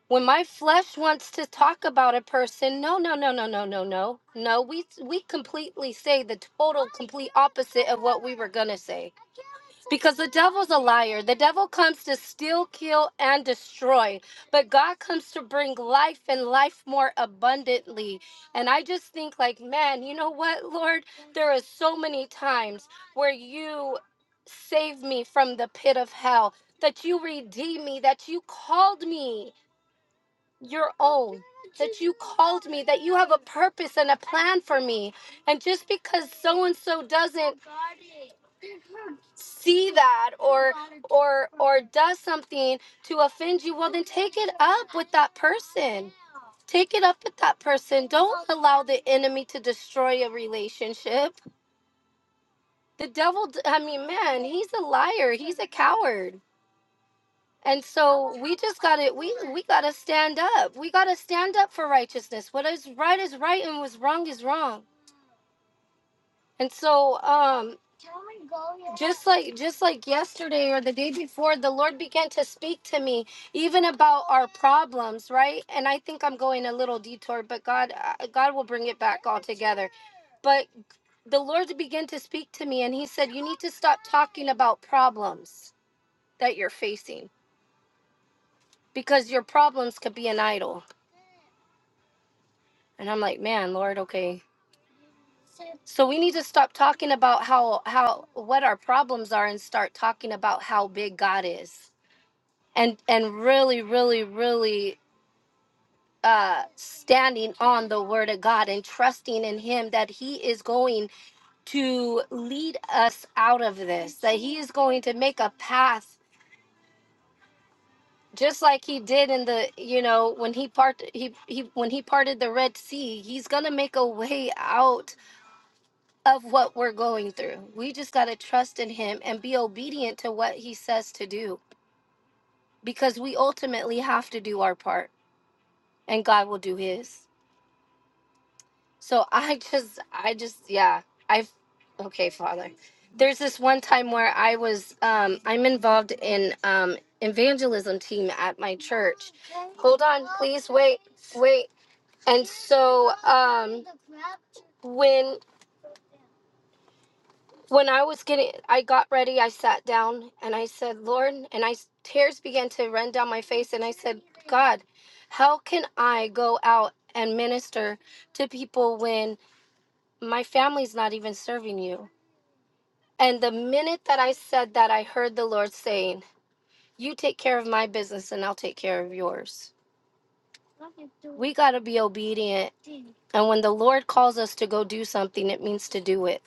Speaker 1: when my flesh wants to talk about a person no no no no no no no no we we completely say the total complete opposite of what we were gonna say because the devil's a liar the devil comes to steal kill and destroy but god comes to bring life and life more abundantly and i just think like man you know what lord there are so many times where you saved me from the pit of hell that you redeemed me that you called me your own, that you called me, that you have a purpose and a plan for me. And just because so and so doesn't see that or or or does something to offend you, well then take it up with that person. Take it up with that person. Don't allow the enemy to destroy a relationship. The devil, d- I mean, man, he's a liar. He's a coward. And so we just gotta we we gotta stand up. We gotta stand up for righteousness. What is right is right and what's wrong is wrong. And so um just like just like yesterday or the day before, the Lord began to speak to me even about our problems, right? And I think I'm going a little detour, but God uh, God will bring it back all together. But the Lord began to speak to me and he said, "You need to stop talking about problems that you're facing because your problems could be an idol." And I'm like, man, Lord, okay. So we need to stop talking about how how what our problems are and start talking about how big God is. And and really, really, really uh standing on the word of God and trusting in him that he is going to lead us out of this, that he is going to make a path just like he did in the you know when he part he, he when he parted the red sea he's gonna make a way out of what we're going through. We just got to trust in Him and be obedient to what He says to do because we ultimately have to do our part and God will do His. So I just, I just, yeah, I've, okay, Father. There's this one time where I was, um, I'm involved in um, evangelism team at my church. Hold on, please wait, wait. And so um, when when I was getting, I got ready, I sat down and I said, Lord, and I s- tears began to run down my face. And I said, God, how can I go out and minister to people when my family's not even serving you? And the minute that I said that, I heard the Lord saying, You take care of my business and I'll take care of yours. We got to be obedient. And when the Lord calls us to go do something, it means to do it.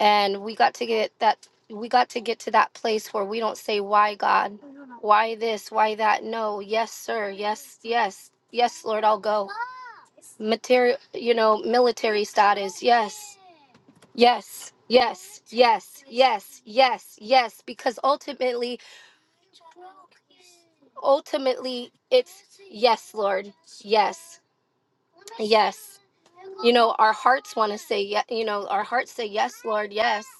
Speaker 1: and we got to get that we got to get to that place where we don't say why god why this why that no yes sir yes yes yes lord i'll go material you know military status yes yes yes yes yes yes yes because ultimately ultimately it's yes lord yes yes you know our hearts want to say yes you know our hearts say yes lord yes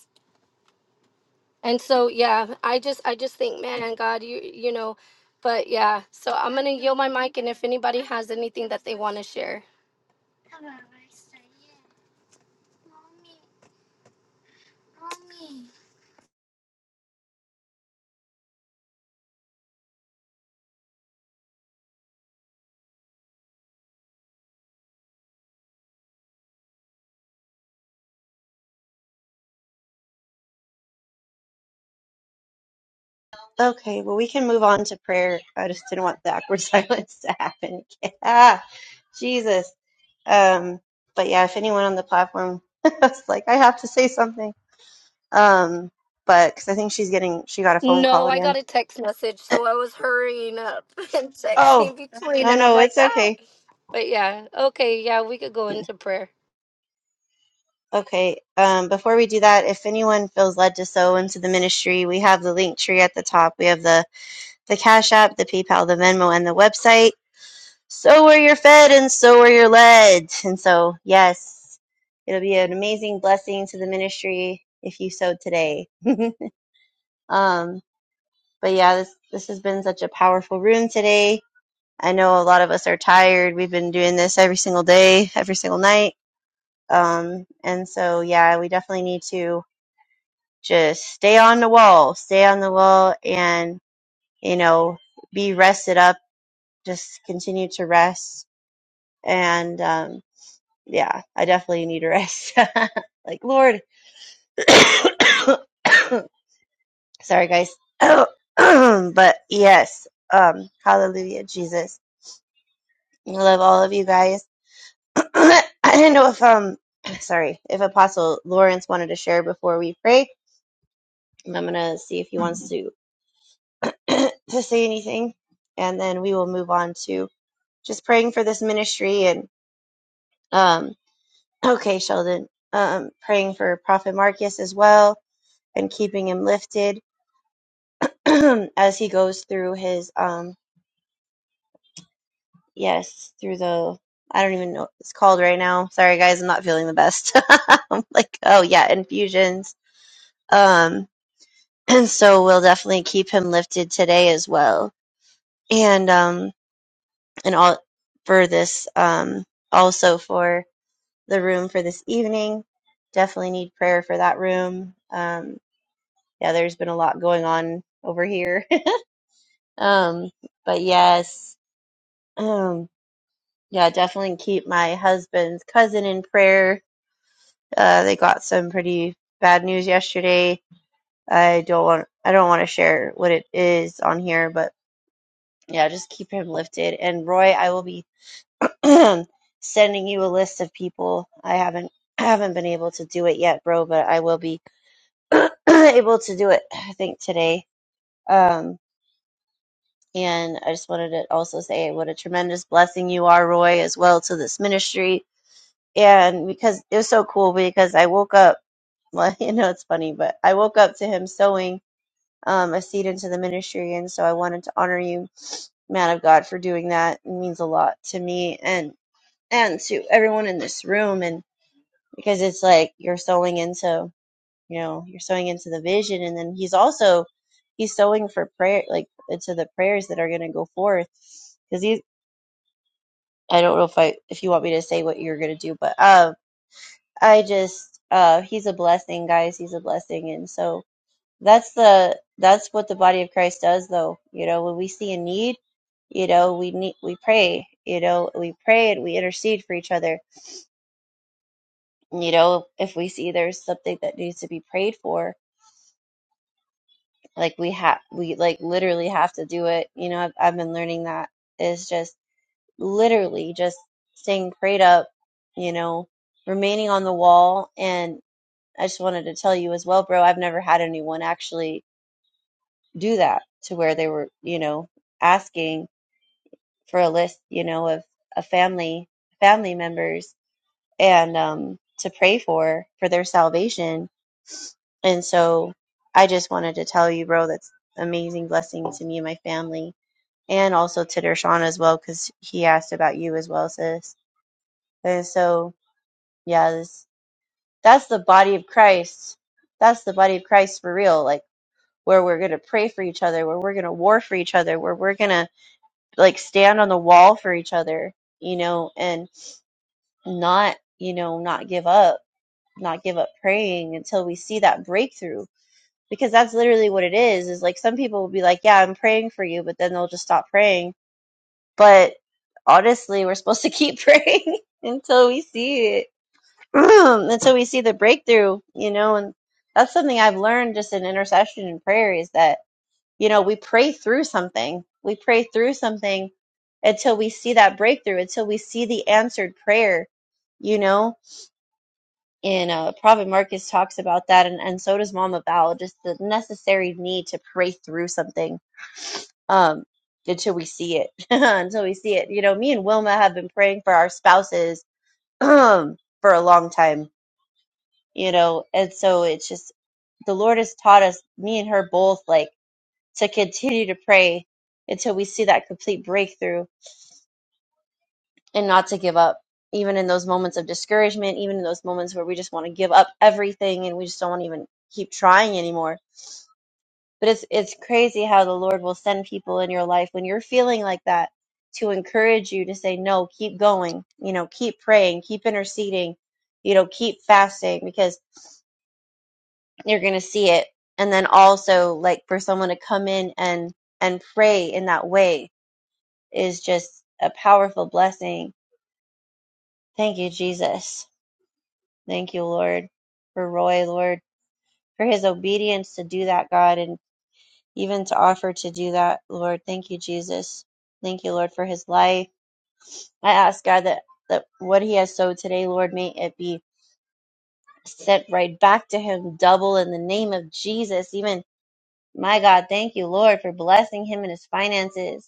Speaker 1: And so yeah, I just I just think, man, God, you you know, but yeah. So I'm gonna yield my mic, and if anybody has anything that they want to share.
Speaker 2: okay well we can move on to prayer i just didn't want the awkward silence to happen Yeah, jesus Um, but yeah, if anyone on the platform was like, I have to say something. Um, but because I think she's getting, she got a phone call
Speaker 1: No, I
Speaker 2: again.
Speaker 1: got a text message, so I was hurrying up and
Speaker 2: Oh,
Speaker 1: texting between,
Speaker 2: no,
Speaker 1: and I'm
Speaker 2: no,
Speaker 1: like,
Speaker 2: it's
Speaker 1: ah.
Speaker 2: okay.
Speaker 1: But yeah, okay, yeah, we could go into prayer.
Speaker 2: Okay. Um, before we do that, if anyone feels led to sow into the ministry, we have the link tree at the top. We have the the Cash App, the PayPal, the Venmo, and the website. So where you're fed, and so where you're led. And so, yes, it'll be an amazing blessing to the ministry if you sow today. um, But yeah, this this has been such a powerful room today. I know a lot of us are tired. We've been doing this every single day, every single night. Um, and so yeah, we definitely need to just stay on the wall, stay on the wall, and you know, be rested up. Just continue to rest. And um, yeah, I definitely need a rest. like Lord, sorry guys, but yes, um, Hallelujah, Jesus. I love all of you guys. I didn't know if um sorry, if Apostle Lawrence wanted to share before we pray. And I'm gonna see if he wants to to say anything and then we will move on to just praying for this ministry and um okay, Sheldon. Um praying for Prophet Marcus as well and keeping him lifted as he goes through his um yes, through the I don't even know what it's called right now. Sorry guys, I'm not feeling the best. I'm like, oh yeah, infusions Um, and so we'll definitely keep him lifted today as well. And um, and all for this um, also for the room for this evening. Definitely need prayer for that room. Um, yeah, there's been a lot going on over here. um, but yes, um, yeah, definitely keep my husband's cousin in prayer. Uh, they got some pretty bad news yesterday. I don't want I don't want to share what it is on here, but yeah, just keep him lifted. And Roy, I will be sending you a list of people. I haven't I haven't been able to do it yet, bro, but I will be able to do it. I think today. Um, and I just wanted to also say what a tremendous blessing you are, Roy, as well to this ministry. And because it was so cool, because I woke up. Well, you know it's funny, but I woke up to him sowing um, a seed into the ministry, and so I wanted to honor you, man of God, for doing that. It means a lot to me, and and to everyone in this room and because it's like you're sowing into you know you're sowing into the vision and then he's also he's sowing for prayer like into the prayers that are going to go forth because he i don't know if i if you want me to say what you're going to do but uh i just uh he's a blessing guys he's a blessing and so that's the that's what the body of christ does though you know when we see a need you know we need we pray you know we pray and we intercede for each other you know if we see there's something that needs to be prayed for like we have we like literally have to do it you know I've, I've been learning that is just literally just staying prayed up you know remaining on the wall and i just wanted to tell you as well bro i've never had anyone actually do that to where they were you know asking for a list you know of a family family members and um to pray for for their salvation And so I just wanted to tell you, bro, that's amazing blessing to me and my family, and also to Dershawn as well, because he asked about you as well, sis. And so, yeah, this, that's the body of Christ. That's the body of Christ for real, like where we're going to pray for each other, where we're going to war for each other, where we're going to like stand on the wall for each other, you know, and not, you know, not give up, not give up praying until we see that breakthrough because that's literally what it is is like some people will be like yeah i'm praying for you but then they'll just stop praying but honestly we're supposed to keep praying until we see it until we see the breakthrough you know and that's something i've learned just in intercession and prayer is that you know we pray through something we pray through something until we see that breakthrough until we see the answered prayer you know and uh, Prophet Marcus talks about that, and, and so does Mama Val. Just the necessary need to pray through something um, until we see it. until we see it, you know, me and Wilma have been praying for our spouses for a long time, you know, and so it's just the Lord has taught us, me and her both, like to continue to pray until we see that complete breakthrough, and not to give up. Even in those moments of discouragement, even in those moments where we just want to give up everything and we just don't want to even keep trying anymore But it's it's crazy how the Lord will send people in your life when you're feeling like that to encourage you to say no, keep going, you know, keep praying, keep interceding, you know, keep fasting because you're going to see it. And then also like for someone to come in and and pray in that way is just a powerful blessing. Thank you Jesus. Thank you Lord for Roy, Lord, for his obedience to do that God and. even to offer to do that, Lord. Thank you, Jesus. Thank you, Lord, for his life. I ask God that, that what he has sowed today, Lord, may it be sent right back to him double in the name of Jesus. Even my God, thank you, Lord, for blessing him and his finances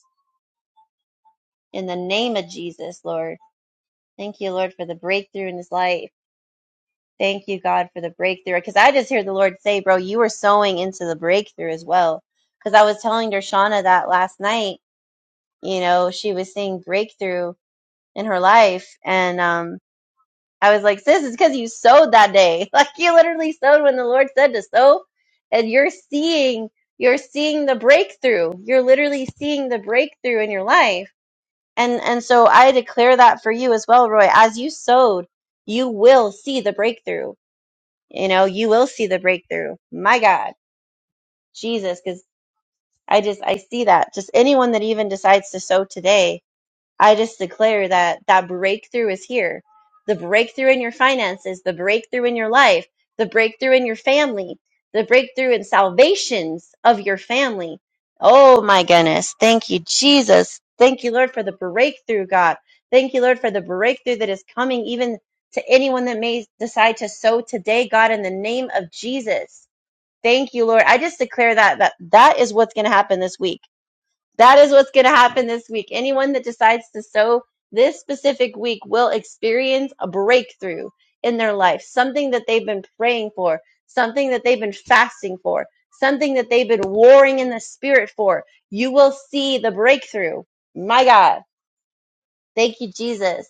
Speaker 2: in the name of Jesus, Lord. Thank you, Lord, for the breakthrough in his life. Thank you, God, for the breakthrough. Because I just hear the Lord say, bro, you were sowing into the breakthrough as well. Because I was telling Dershana that last night, you know, she was saying breakthrough in her life. And um, I was like, sis, it's because you sowed that day. Like you literally sowed when the Lord said to sow, and you're seeing you're seeing the breakthrough. You're literally seeing the breakthrough in your life. And and so I declare that for you as well, Roy. As you sowed, you will see the breakthrough. You know, you will see the breakthrough. My God, Jesus, because I just I see that. Just anyone that even decides to sow today, I just declare that that breakthrough is here. The breakthrough in your finances, the breakthrough in your life, the breakthrough in your family, the breakthrough in salvations of your family. Oh my goodness. Thank you, Jesus. Thank you, Lord, for the breakthrough, God. Thank you, Lord, for the breakthrough that is coming even to anyone that may decide to sow today, God, in the name of Jesus. Thank you, Lord. I just declare that that, that is what's going to happen this week that is what's going to happen this week. Anyone that decides to sow this specific week will experience a breakthrough in their life, something that they've been praying for, something that they've been fasting for, something that they've been warring in the spirit for. You will see the breakthrough. My God. Thank you, Jesus.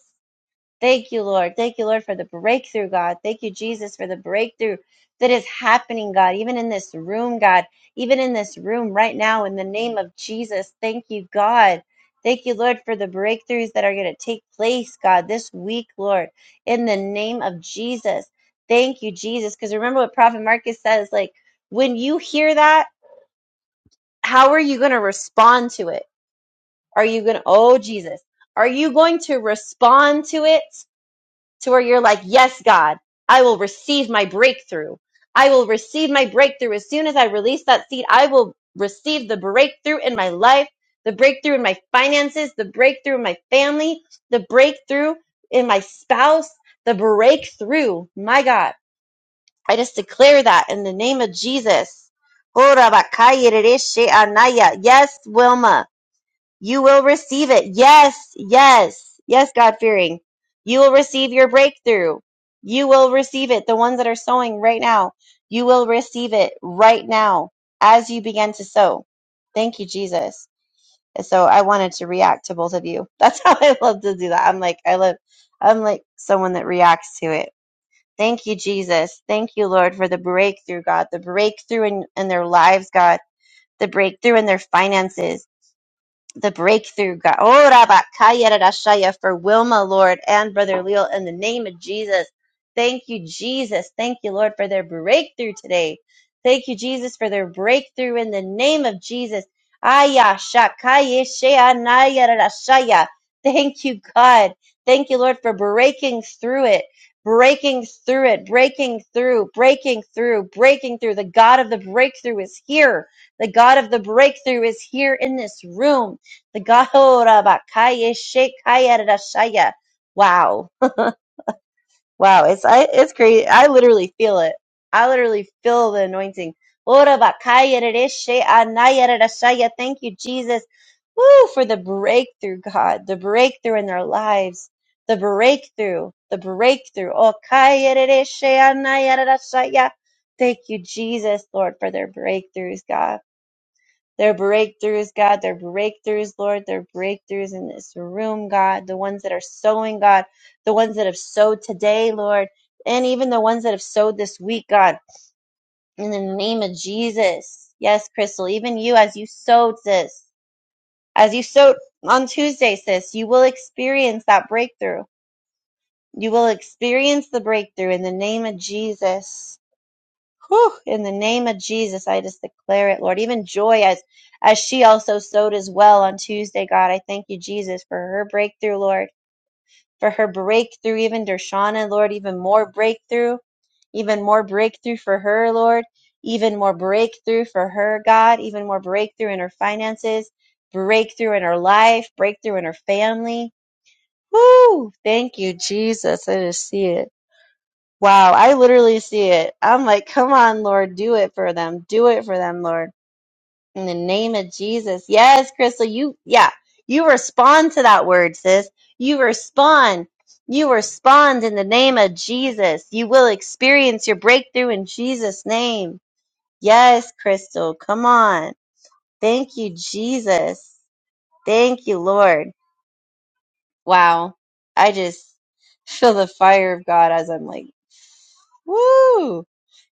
Speaker 2: Thank you, Lord. Thank you, Lord, for the breakthrough, God. Thank you, Jesus, for the breakthrough that is happening, God, even in this room, God, even in this room right now, in the name of Jesus. Thank you, God. Thank you, Lord, for the breakthroughs that are going to take place, God, this week, Lord, in the name of Jesus. Thank you, Jesus. Because remember what Prophet Marcus says, like, when you hear that, how are you going to respond to it? Are you going to, oh, Jesus, are you going to respond to it? to where you're like, yes, God, I will receive my breakthrough. I will receive my breakthrough. As soon as I release that seed, I will receive the breakthrough in my life, the breakthrough in my finances, the breakthrough in my family, the breakthrough in my spouse, the breakthrough. My God, I just declare that in the name of Jesus. Yes, Wilma. You will receive it. Yes, yes, yes, God fearing. You will receive your breakthrough. You will receive it. The ones that are sowing right now, you will receive it right now as you begin to sow. Thank you, Jesus. And So I wanted to react to both of you. That's how I love to do that. I'm like, I love, I'm like someone that reacts to it. Thank you, Jesus. Thank you, Lord, for the breakthrough, God, the breakthrough in, in their lives, God, the breakthrough in their finances the breakthrough, God. Oh, Rabakaya Rarashaya for Wilma, Lord, and Brother Leal in the name of Jesus. Thank you, Jesus. Thank you, Lord, for their breakthrough today. Thank you, Jesus, for their breakthrough in the name of Jesus. Aya Shakaya Shea Naya Rarashaya. Thank you, God. Thank you, Lord, for breaking through it. Breaking through it, breaking through, breaking through, breaking through. The God of the breakthrough is here. The God of the breakthrough is here in this room. The Gahorabakaya Shekaya Rashaya. Wow. Wow. It's I it's crazy. I literally feel it. I literally feel the anointing. Orabakaya Rashe Anaya Rashaya. Thank you, Jesus. Woo for the breakthrough, God. The breakthrough in their lives. The breakthrough. The breakthrough. Oh Kaya Rashe Anaya Rashaya. Thank you, Jesus, Lord, for their breakthroughs, God. Their breakthroughs, God, their breakthroughs, Lord, their breakthroughs in this room, God, the ones that are sowing, God, the ones that have sowed today, Lord, and even the ones that have sowed this week, God, in the name of Jesus. Yes, Crystal, even you as you sowed, sis, as you sowed on Tuesday, sis, you will experience that breakthrough. You will experience the breakthrough in the name of Jesus. Whew, in the name of Jesus, I just declare it, Lord. Even joy as as she also sowed as well on Tuesday, God. I thank you, Jesus, for her breakthrough, Lord. For her breakthrough, even Dershana, Lord, even more breakthrough, even more breakthrough for her, Lord. Even more breakthrough for her, God. Even more breakthrough in her finances, breakthrough in her life, breakthrough in her family. Woo! Thank you, Jesus. I just see it. Wow, I literally see it. I'm like, come on, Lord, do it for them. Do it for them, Lord. In the name of Jesus. Yes, Crystal, you, yeah, you respond to that word, sis. You respond. You respond in the name of Jesus. You will experience your breakthrough in Jesus' name. Yes, Crystal, come on. Thank you, Jesus. Thank you, Lord. Wow. I just feel the fire of God as I'm like, woo.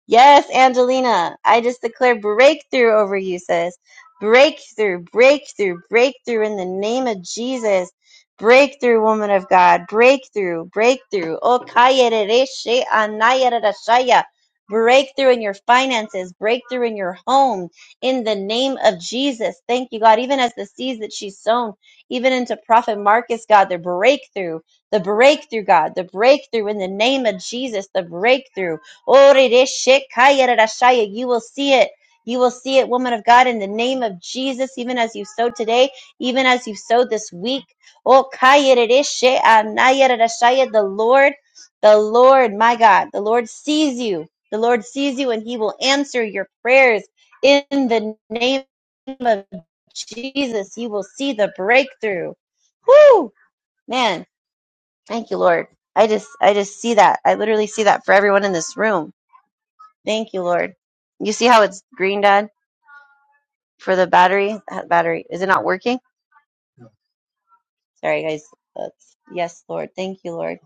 Speaker 2: Yes, Angelina, I just declare breakthrough over you, sis. Breakthrough, breakthrough, breakthrough in the name of Jesus. Breakthrough, woman of God. Breakthrough, breakthrough. Oh, kaya re she anaya shaya. Breakthrough in your finances, breakthrough in your home, in the name of Jesus. Thank you, God. Even as the seeds that she's sown, even into Prophet Marcus, God, the breakthrough, the breakthrough, God, the breakthrough in the name of Jesus, the breakthrough. Orereshekayerashaya. You will see it. You will see it, woman of God, in the name of Jesus, even as you sowed today, even as you sowed this week. Oh, kayereresheanayerashaya. The Lord, the Lord, my God, the Lord sees you. The Lord sees you and he will answer your prayers in the name of Jesus. You will see the breakthrough. Whoo! Man, thank you, Lord. I just I just see that. I literally see that for everyone in this room Thank you, Lord. You see how it's green, Dad, for the battery? That battery is it not working? Sorry, guys. That's yes, Lord. Thank you, Lord.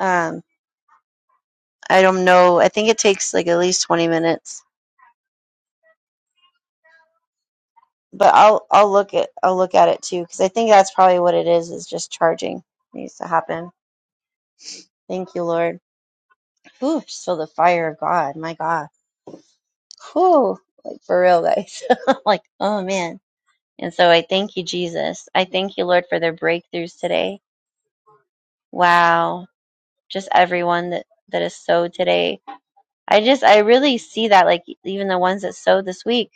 Speaker 2: Um, I don't know. I think it takes like at least twenty minutes, but I'll I'll look at I'll look at it too because I think that's probably what it is. Is just charging needs to happen. Thank you, Lord. Ooh, just feel the fire of God. My God. Whew, like for real, guys. I'm like oh man. And so I thank you, Jesus. I thank you, Lord, for their breakthroughs today. Wow. just everyone that that is sowed today. I just I really see that like even the ones that sowed this week,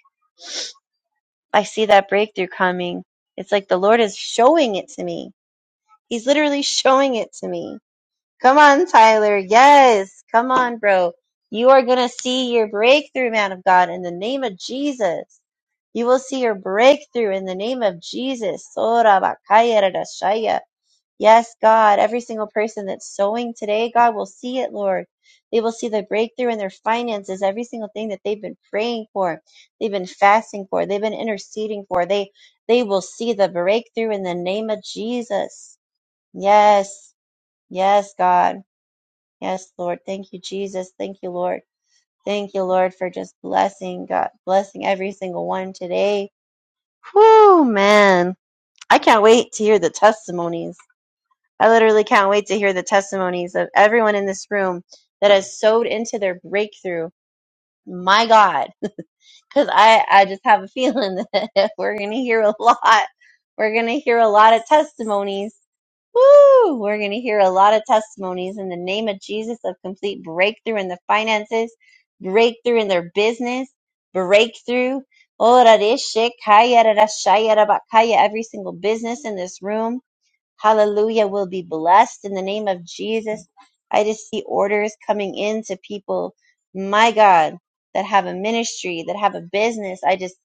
Speaker 2: I see that breakthrough coming. It's like the Lord is showing it to me. He's literally showing it to me. Come on, Tyler. Yes. Come on, bro. You are going to see your breakthrough, man of God, in the name of Jesus. You will see your breakthrough in the name of Jesus. Sora bakaya rarashaya. Yes, God, every single person that's sowing today, God will see it, Lord. They will see the breakthrough in their finances, every single thing that they've been praying for, they've been fasting for, they've been interceding for. They they will see the breakthrough in the name of Jesus. Yes. Yes, God. Yes, Lord. Thank you, Jesus. Thank you, Lord. Thank you, Lord, for just blessing God, blessing every single one today. Whew, man. I can't wait to hear the testimonies. I literally can't wait to hear the testimonies of everyone in this room that has sewed into their breakthrough. My God, because I, I just have a feeling that we're going to hear a lot. We're going to hear a lot of testimonies. Woo! We're going to hear a lot of testimonies in the name of Jesus of complete breakthrough in the finances, breakthrough in their business, breakthrough. Ora de shekaya da da shaya da bakaya, Every single business in this room Hallelujah. We'll be blessed in the name of Jesus. I just see orders coming in to people, my God, that have a ministry, that have a business. I just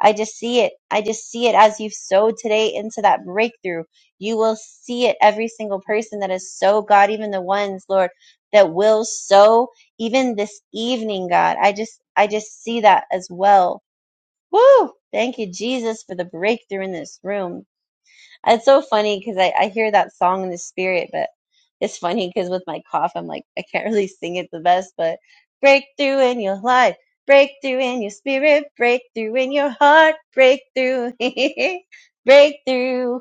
Speaker 2: I just see it. I just see it as you've sowed today into that breakthrough. You will see it every single person that has sowed, God, even the ones, Lord, that will sow even this evening, God. I just I just see that as well. Woo! Thank you, Jesus, for the breakthrough in this room. It's so funny because I, I hear that song in the spirit, but it's funny because with my cough, I'm like, I can't really sing it the best, but breakthrough in your life, breakthrough in your spirit, breakthrough in your heart, breakthrough, breakthrough,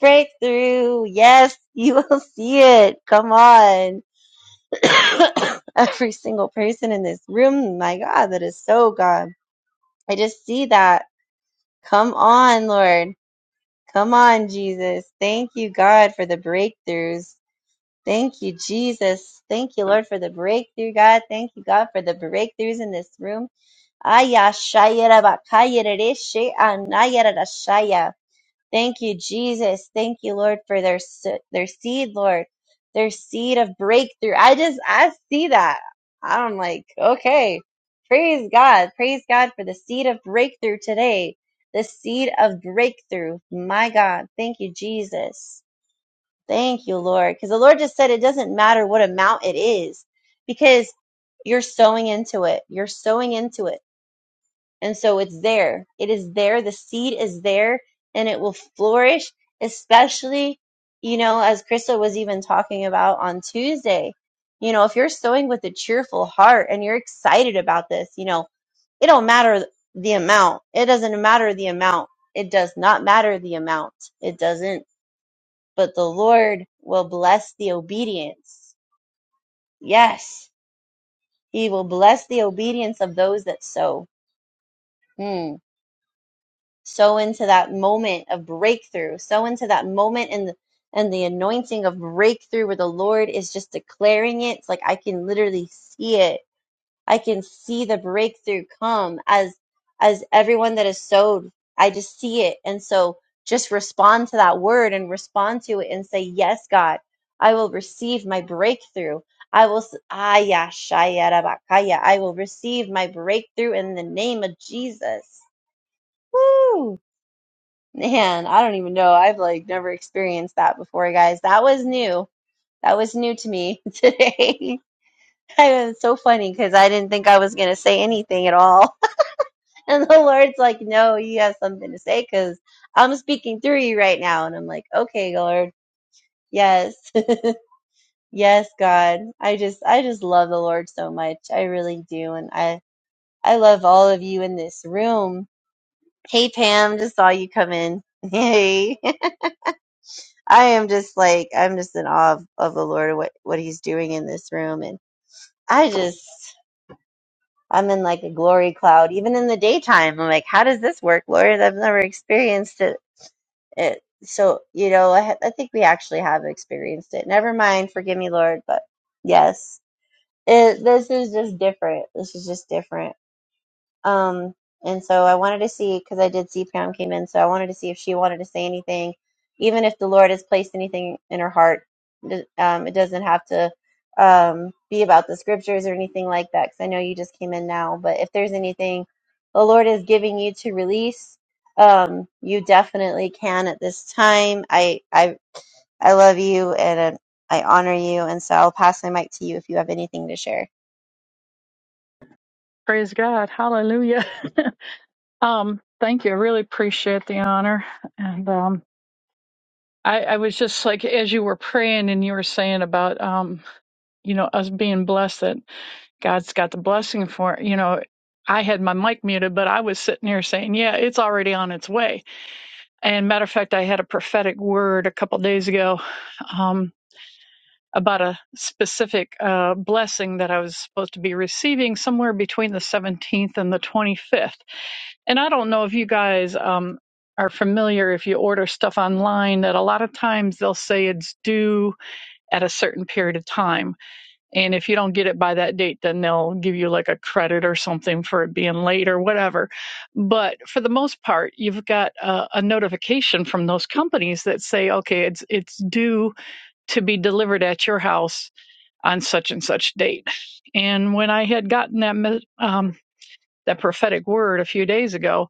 Speaker 2: breakthrough. Yes, you will see it. Come on. Every single person in this room, my God, that is so God. I just see that. Come on, Lord. Come on, Jesus. Thank you, God, for the breakthroughs. Thank you, Jesus. Thank you, Lord, for the breakthrough, God. Thank you, God, for the breakthroughs in this room. Aya shaya rabakaya rereshe anaya rarashaya. Thank you, Jesus. Thank you, Lord, for their se- their seed, Lord, their seed of breakthrough. I just I see that. I'm like, okay, praise God, praise God for the seed of breakthrough today. The seed of breakthrough. My God, thank you, Jesus. Thank you, Lord, because the Lord just said it doesn't matter what amount it is, because you're sowing into it. You're sowing into it and so it's there. It is there. The seed is there and it will flourish, especially, you know, as Krista was even talking about on Tuesday. You know, if you're sowing with a cheerful heart and you're excited about this, you know, it don't matter the amount. It doesn't matter the amount. It does not matter the amount. It doesn't. But the Lord will bless the obedience. Yes, He will bless the obedience of those that sow. Hmm. sow into that moment of breakthrough sow into that moment and the, and the anointing of breakthrough where the lord is just declaring it it's like i can literally see it i can see the breakthrough come as as everyone that is sowed i just see it and so just respond to that word and respond to it and say yes god i will receive my breakthrough i will s- ah, yeah, shaya, rabakaya. i will receive my breakthrough in the name of jesus Woo! Man, I don't even know. I've like never experienced that before, guys. That was new. That was new to me today. I was so funny because I didn't think I was going to say anything at all. And the Lord's like, no, you have something to say because I'm speaking through you right now. And I'm like, okay, Lord. Yes. Yes, God. I just, I just love the Lord so much. I really do. And I, I love all of you in this room. Hey, Pam, just saw you come in. Hey. I am just like I'm just in awe of, of the Lord and what what He's doing in this room, and I just I'm in like a glory cloud. Even in the daytime, I'm like, how does this work, Lord? I've never experienced it. it so you know, I, ha- I think we actually have experienced it. Never mind, forgive me, Lord, but yes, it, this is just different. This is just different, Um, and so I wanted to see because I did see Pam came in, so I wanted to see if she wanted to say anything, even if the Lord has placed anything in her heart. Th- Um, it doesn't have to um, be about the scriptures or anything like that, because I know you just came in now. But if there's anything the Lord is giving you to release, um, you definitely can at this time. I I I love you and uh, I honor you, and so I'll pass my mic to you if you have anything to share.
Speaker 4: Praise God. Hallelujah. Um, thank you. I really appreciate the honor. And um I, I was just like as you were praying and you were saying about um, you know, us being blessed that God's got the blessing for you know, I had my mic muted, but I was sitting here saying, Yeah, it's already on its way. And matter of fact, I had a prophetic word a couple days ago um about a specific uh, blessing that I was supposed to be receiving somewhere between the 17th and the 25th And I don't know if you guys um, are familiar if you order stuff online that a lot of times they'll say it's due at a certain period of time. And if you don't get it by that date, then they'll give you like a credit or something for it being late or whatever. But for the most part, you've got a, a notification from those companies that say, okay, it's it's due to be delivered at your house on such and such date. And when I had gotten that um, that prophetic word a few days ago,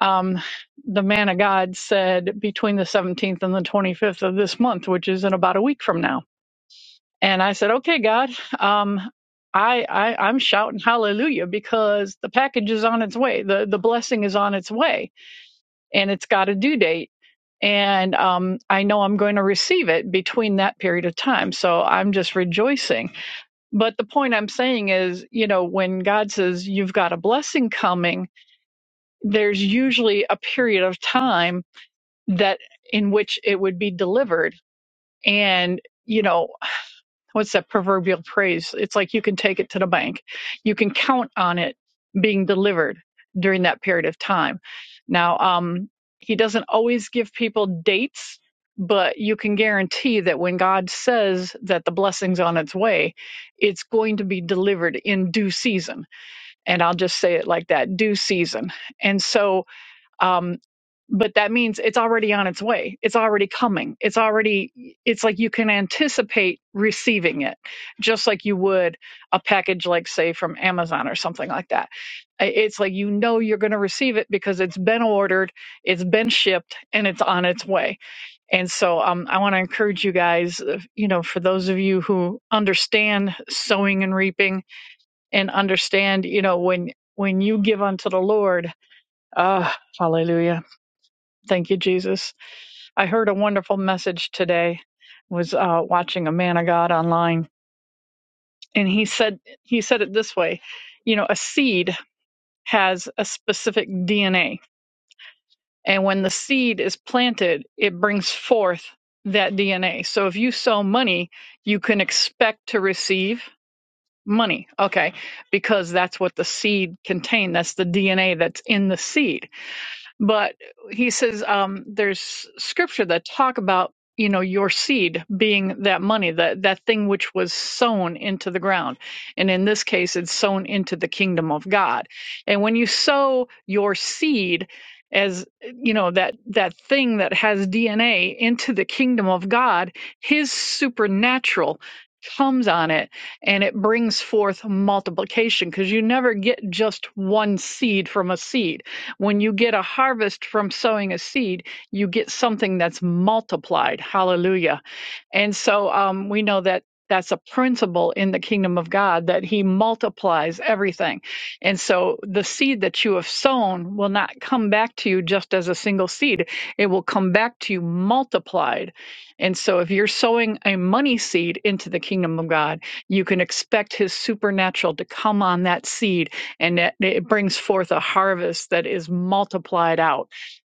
Speaker 4: um, the man of God said between the 17th and the 25th of this month, which is in about a week from now. And I said, okay, God, um, I, I, I'm shouting hallelujah because the package is on its way. The, the blessing is on its way and it's got a due date. And um, I know I'm going to receive it between that period of time. So I'm just rejoicing. But the point I'm saying is, you know, when God says you've got a blessing coming, there's usually a period of time that in which it would be delivered and you know what's that proverbial phrase it's like you can take it to the bank you can count on it being delivered during that period of time now um he doesn't always give people dates but you can guarantee that when god says that the blessing's on its way it's going to be delivered in due season and i'll just say it like that due season and so um, but that means it's already on its way it's already coming it's already it's like you can anticipate receiving it just like you would a package like say from amazon or something like that I- it's like you know you're going to receive it because it's been ordered it's been shipped and it's on its way and so um, i want to encourage you guys uh, you know for those of you who understand sowing and reaping and understand you know when when you give unto the lord ah hallelujah Thank you, Jesus. I heard a wonderful message today. Was uh, watching a man of God online, and he said he said it this way: you know, a seed has a specific DNA, and when the seed is planted, it brings forth that DNA. So if you sow money, you can expect to receive money. Okay, because that's what the seed contained. That's the DNA that's in the seed but he says um, there's scripture that talk about you know your seed being that money that that thing which was sown into the ground and in this case it's sown into the kingdom of god and when you sow your seed as you know that that thing that has dna into the kingdom of god his supernatural comes on it and it brings forth multiplication because you never get just one seed from a seed when you get a harvest from sowing a seed, you get something that's multiplied. Hallelujah. And so um, we know that that's a principle in the kingdom of God that he multiplies everything. And so the seed that you have sown will not come back to you just as a single seed, it will come back to you multiplied. And so if you're sowing a money seed into the kingdom of God, you can expect his supernatural to come on that seed and that it brings forth a harvest that is multiplied out.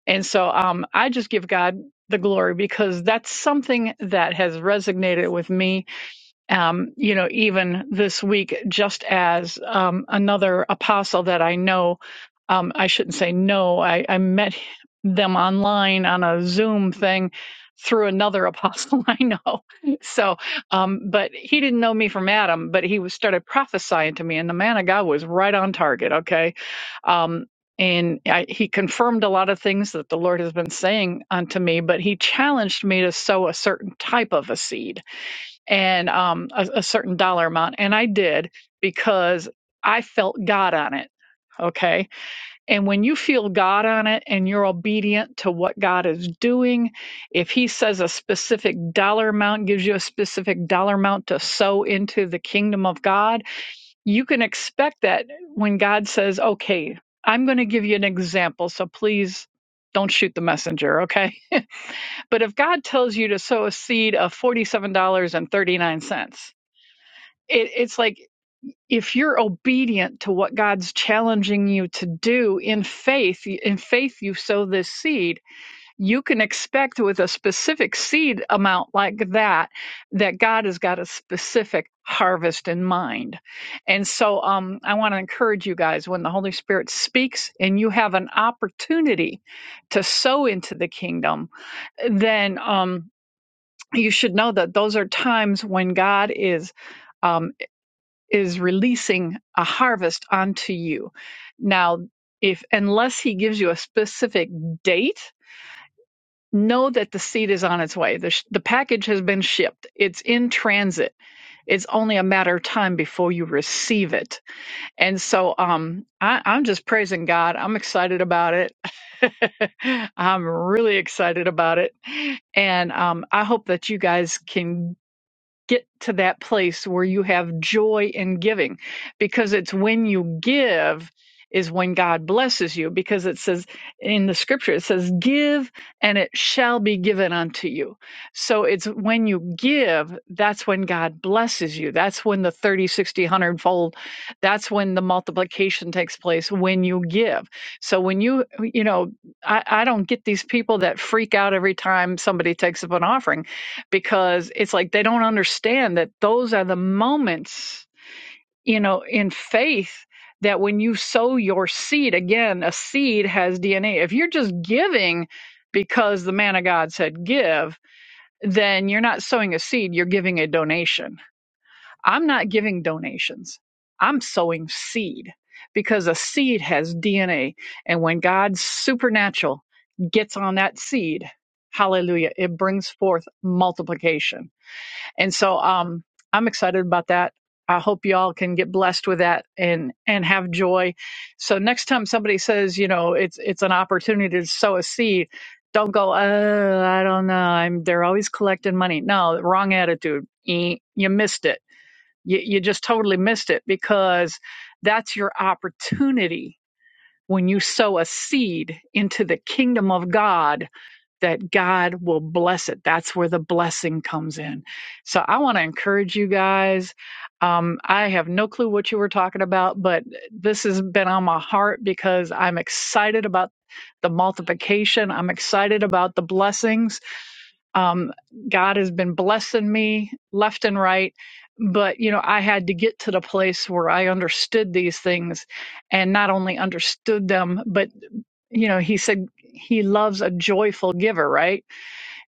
Speaker 4: And so um, I just give God the glory because that's something that has resonated with me um, you know, even this week, just as um, another apostle that I know, um, I shouldn't say no, I, I met them online on a Zoom thing through another apostle I know. So, um, but he didn't know me from Adam, but he was started prophesying to me, and the man of God was right on target. Okay. Um, and I, he confirmed a lot of things that the Lord has been saying unto me, but he challenged me to sow a certain type of a seed and um, a, a certain dollar amount. And I did because I felt God on it. Okay. And when you feel God on it and you're obedient to what God is doing, if He says a specific dollar amount, gives you a specific dollar amount to sow into the kingdom of God, you can expect that when God says, okay, I'm going to give you an example. So please don't shoot the messenger. Okay. But if God tells you to sow a seed of $47.39, it, it's like if you're obedient to what God's challenging you to do in faith, in faith you sow this seed, you can expect with a specific seed amount like that, that God has got a specific harvest in mind. And so um, I want to encourage you guys when the Holy Spirit speaks and you have an opportunity to sow into the kingdom, then um, you should know that those are times when God is. um, is releasing a harvest onto you. Now, if unless he gives you a specific date, know that the seed is on its way. The, sh- the package has been shipped. It's in transit. It's only a matter of time before you receive it. And so, um, I, I'm just praising God. I'm excited about it. I'm really excited about it. And um, I hope that you guys can get to that place where you have joy in giving because it's when you give is when God blesses you because it says in the scripture it says give and it shall be given unto you. So it's when you give that's when God blesses you. That's when the 30 60 one hundred fold that's when the multiplication takes place when you give. So when you you know I I don't get these people that freak out every time somebody takes up an offering because it's like they don't understand that those are the moments, you know, in faith that when you sow your seed, again, a seed has DNA. If you're just giving because the man of God said give, then you're not sowing a seed, you're giving a donation. I'm not giving donations, I'm sowing seed because a seed has DNA. And when God's supernatural gets on that seed, hallelujah, it brings forth multiplication and so um, I'm excited about that. I hope y'all can get blessed with that and and have joy. So next time somebody says, you know, it's it's an opportunity to sow a seed, don't go, Oh, I don't know. I'm they're always collecting money. No, wrong attitude. Eh, You missed it. You, you just totally missed it because that's your opportunity when you sow a seed into the kingdom of God that God will bless it. That's where the blessing comes in. So I want to encourage you guys. Um, I have no clue what you were talking about, but this has been on my heart because I'm excited about the multiplication. I'm excited about the blessings. Um, God has been blessing me left and right. But, you know, I had to get to the place where I understood these things and not only understood them, but, you know, he said he loves a joyful giver, right?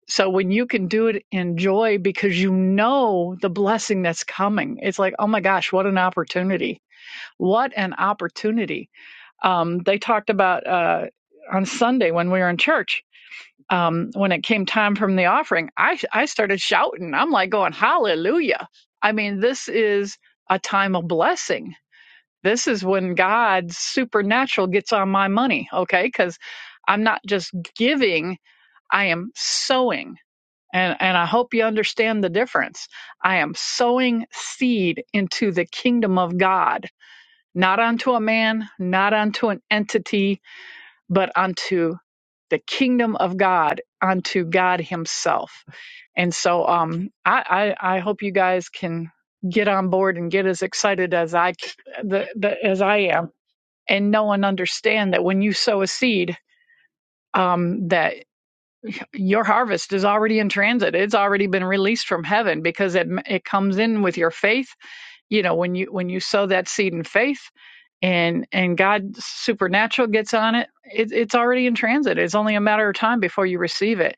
Speaker 4: So when you can do it in joy because you know the blessing that's coming, it's like, oh my gosh, what an opportunity! What an opportunity! Um, they talked about uh, on Sunday when we were in church. Um, when it came time from the offering, I I started shouting. I'm like going, hallelujah! I mean, this is a time of blessing. This is when God supernatural gets on my money, okay? Because I'm not just giving, I am sowing and and I hope you understand the difference. I am sowing seed into the kingdom of God, not unto a man, not unto an entity, but unto the kingdom of God, unto God Himself. And so, um, I I, I hope you guys can get on board and get as excited as I the, the, as I am, and know and understand that when you sow a seed, um, that your harvest is already in transit it's already been released from heaven because it it comes in with your faith you know when you when you sow that seed in faith and and god supernatural gets on it, it it's already in transit it's only a matter of time before you receive it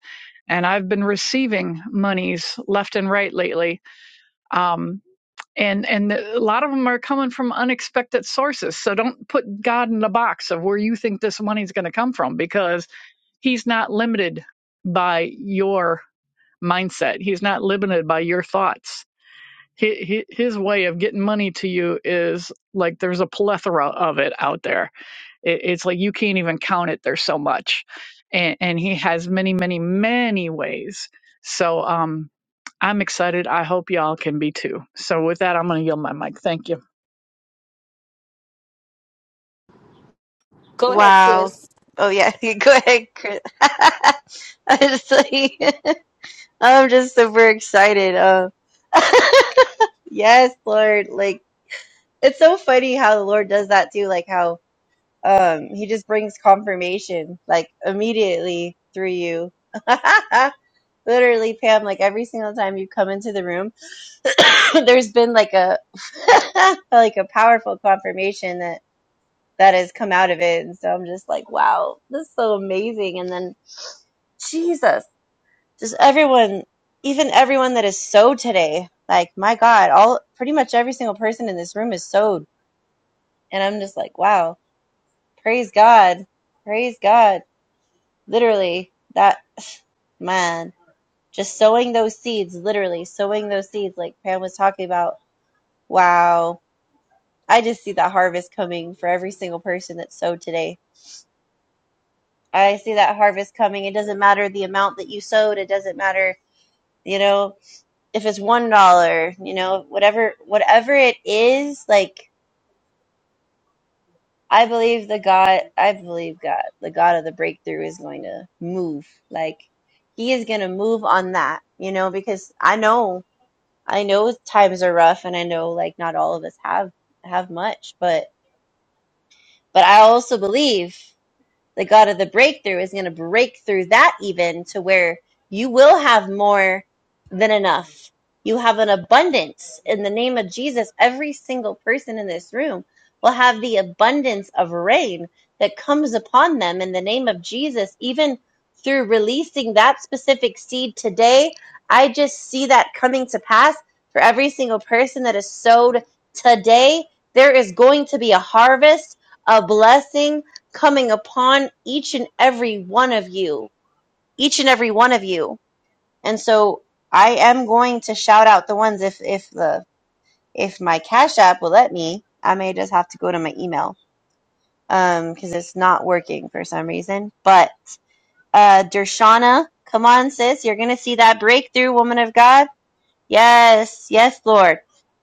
Speaker 4: and i've been receiving monies left and right lately um and and a lot of them are coming from unexpected sources so don't put god in the box of where you think this money is going to come from because he's not limited by your mindset. He's not limited by your thoughts. He, he, his way of getting money to you is like there's a plethora of it out there. It, it's like you can't even count it. There's so much, and, and he has many, many, many ways. So um, I'm excited. I hope y'all can be too. So with that, I'm going to yield my mic. Thank you.
Speaker 1: Go ahead,
Speaker 2: Wow.
Speaker 1: sis.
Speaker 2: Oh yeah, go ahead, Chris. I was like, I'm just super excited. Uh, yes, Lord. Like it's so funny how the Lord does that too. Like how um He just brings confirmation like immediately through you. Literally, Pam. Like every single time you come into the room, there's been like a like a powerful confirmation that has come out of it. And so I'm just like, wow, this is so amazing. And then Jesus, just everyone, even everyone that is sewed today, like my God, all pretty much every single person in this room is sewed. And I'm just like, wow, praise God, praise God. Literally, that man, just sowing those seeds, literally sowing those seeds, like Pam was talking about. Wow. I just see the harvest coming for every single person that sowed today I see that harvest coming. It doesn't matter the amount that you sowed. It doesn't matter, you know, if it's one dollar, you know, whatever, whatever it is. Like I believe the God, I believe God, the God of the breakthrough is going to move. Like He is going to move on that, you know, because I know, I know times are rough, and I know like not all of us have have much, but but I also believe. the God of the breakthrough is going to break through that even to where you will have more than enough. You have an abundance in the name of Jesus. Every single person in this room will have the abundance of rain that comes upon them in the name of Jesus, even through releasing that specific seed today. I just see that coming to pass for every single person that is sowed today. There is going to be a harvest, a blessing, coming upon each and every one of you, each and every one of you. And so I am going to shout out the ones if if the if my Cash App will let me. I may just have to go to my email um because it's not working for some reason. But uh Dershana, come on sis, you're gonna see that breakthrough, woman of God. Yes, yes, Lord.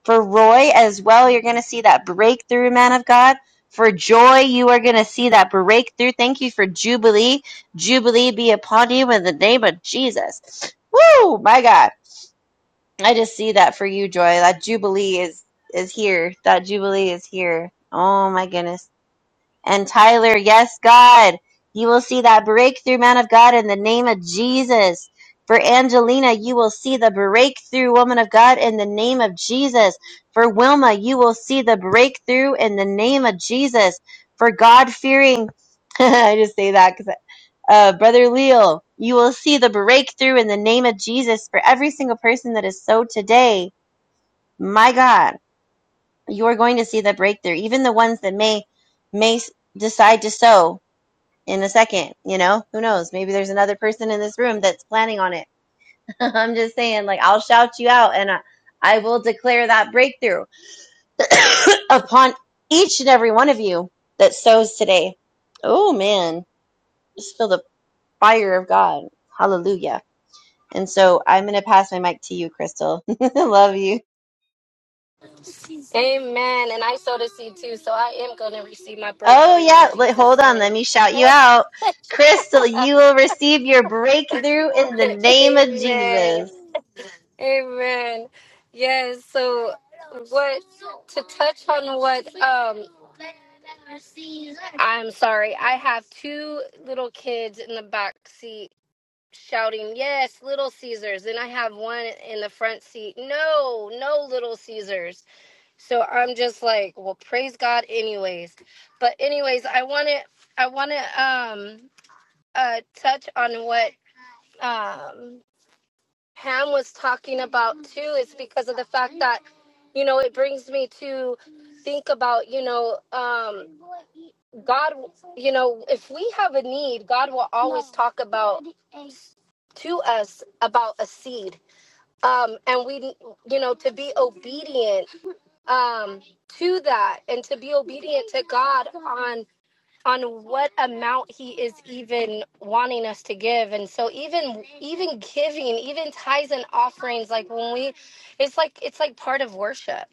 Speaker 2: For Roy as well, you're going to see that breakthrough, man of God. For joy, you are going to see that breakthrough. Thank you for Jubilee. Jubilee be upon you in the name of Jesus. Woo, my God. I just see that for you, Joy. That Jubilee is is here. That Jubilee is here. Oh my goodness. And Tyler, yes, God, you will see that breakthrough, man of God, in the name of Jesus. For Angelina, you will see the breakthrough, woman of God, in the name of Jesus. For Wilma, you will see the breakthrough in the name of Jesus. For God fearing, I just say that because, uh, Brother Leal, you will see the breakthrough in the name of Jesus for every single person that is so today. My God, you are going to see the breakthrough, even the ones that may, may s- decide to sow in a second. You know, who knows? Maybe there's another person in this room that's planning on it. I'm just saying, like, I'll shout you out and I, I will declare that breakthrough upon each and every one of you that sows today. Oh man, just feel the fire of God. Hallelujah. And so I'm going to pass my mic to you, Crystal. Love you.
Speaker 1: Amen. And I so to see my
Speaker 2: Oh
Speaker 1: breakthrough in
Speaker 2: yeah, Wait, hold
Speaker 1: Jesus'
Speaker 2: on. Let
Speaker 1: name.
Speaker 2: me shout you out. Crystal, you will receive your breakthrough in the name of
Speaker 1: Amen.
Speaker 2: Jesus.
Speaker 1: Amen. Yes. So. I'm sorry. I have two little kids in the back seat shouting, "Yes, Little Caesars." And I have one in the front seat, "No, no Little Caesars." So I'm just like, "Well, praise God anyways." But anyways, I want to I want to um uh touch on what um Pam was talking about too It's because of the fact, you know, it brings me to think about, you know, um God you know, if we have a need, God will talk about to us about a seed um and we you know to be obedient um to that and to be obedient on on what amount he is even wanting us to give and so even even giving even tithes and offerings like when we it's like it's like part of worship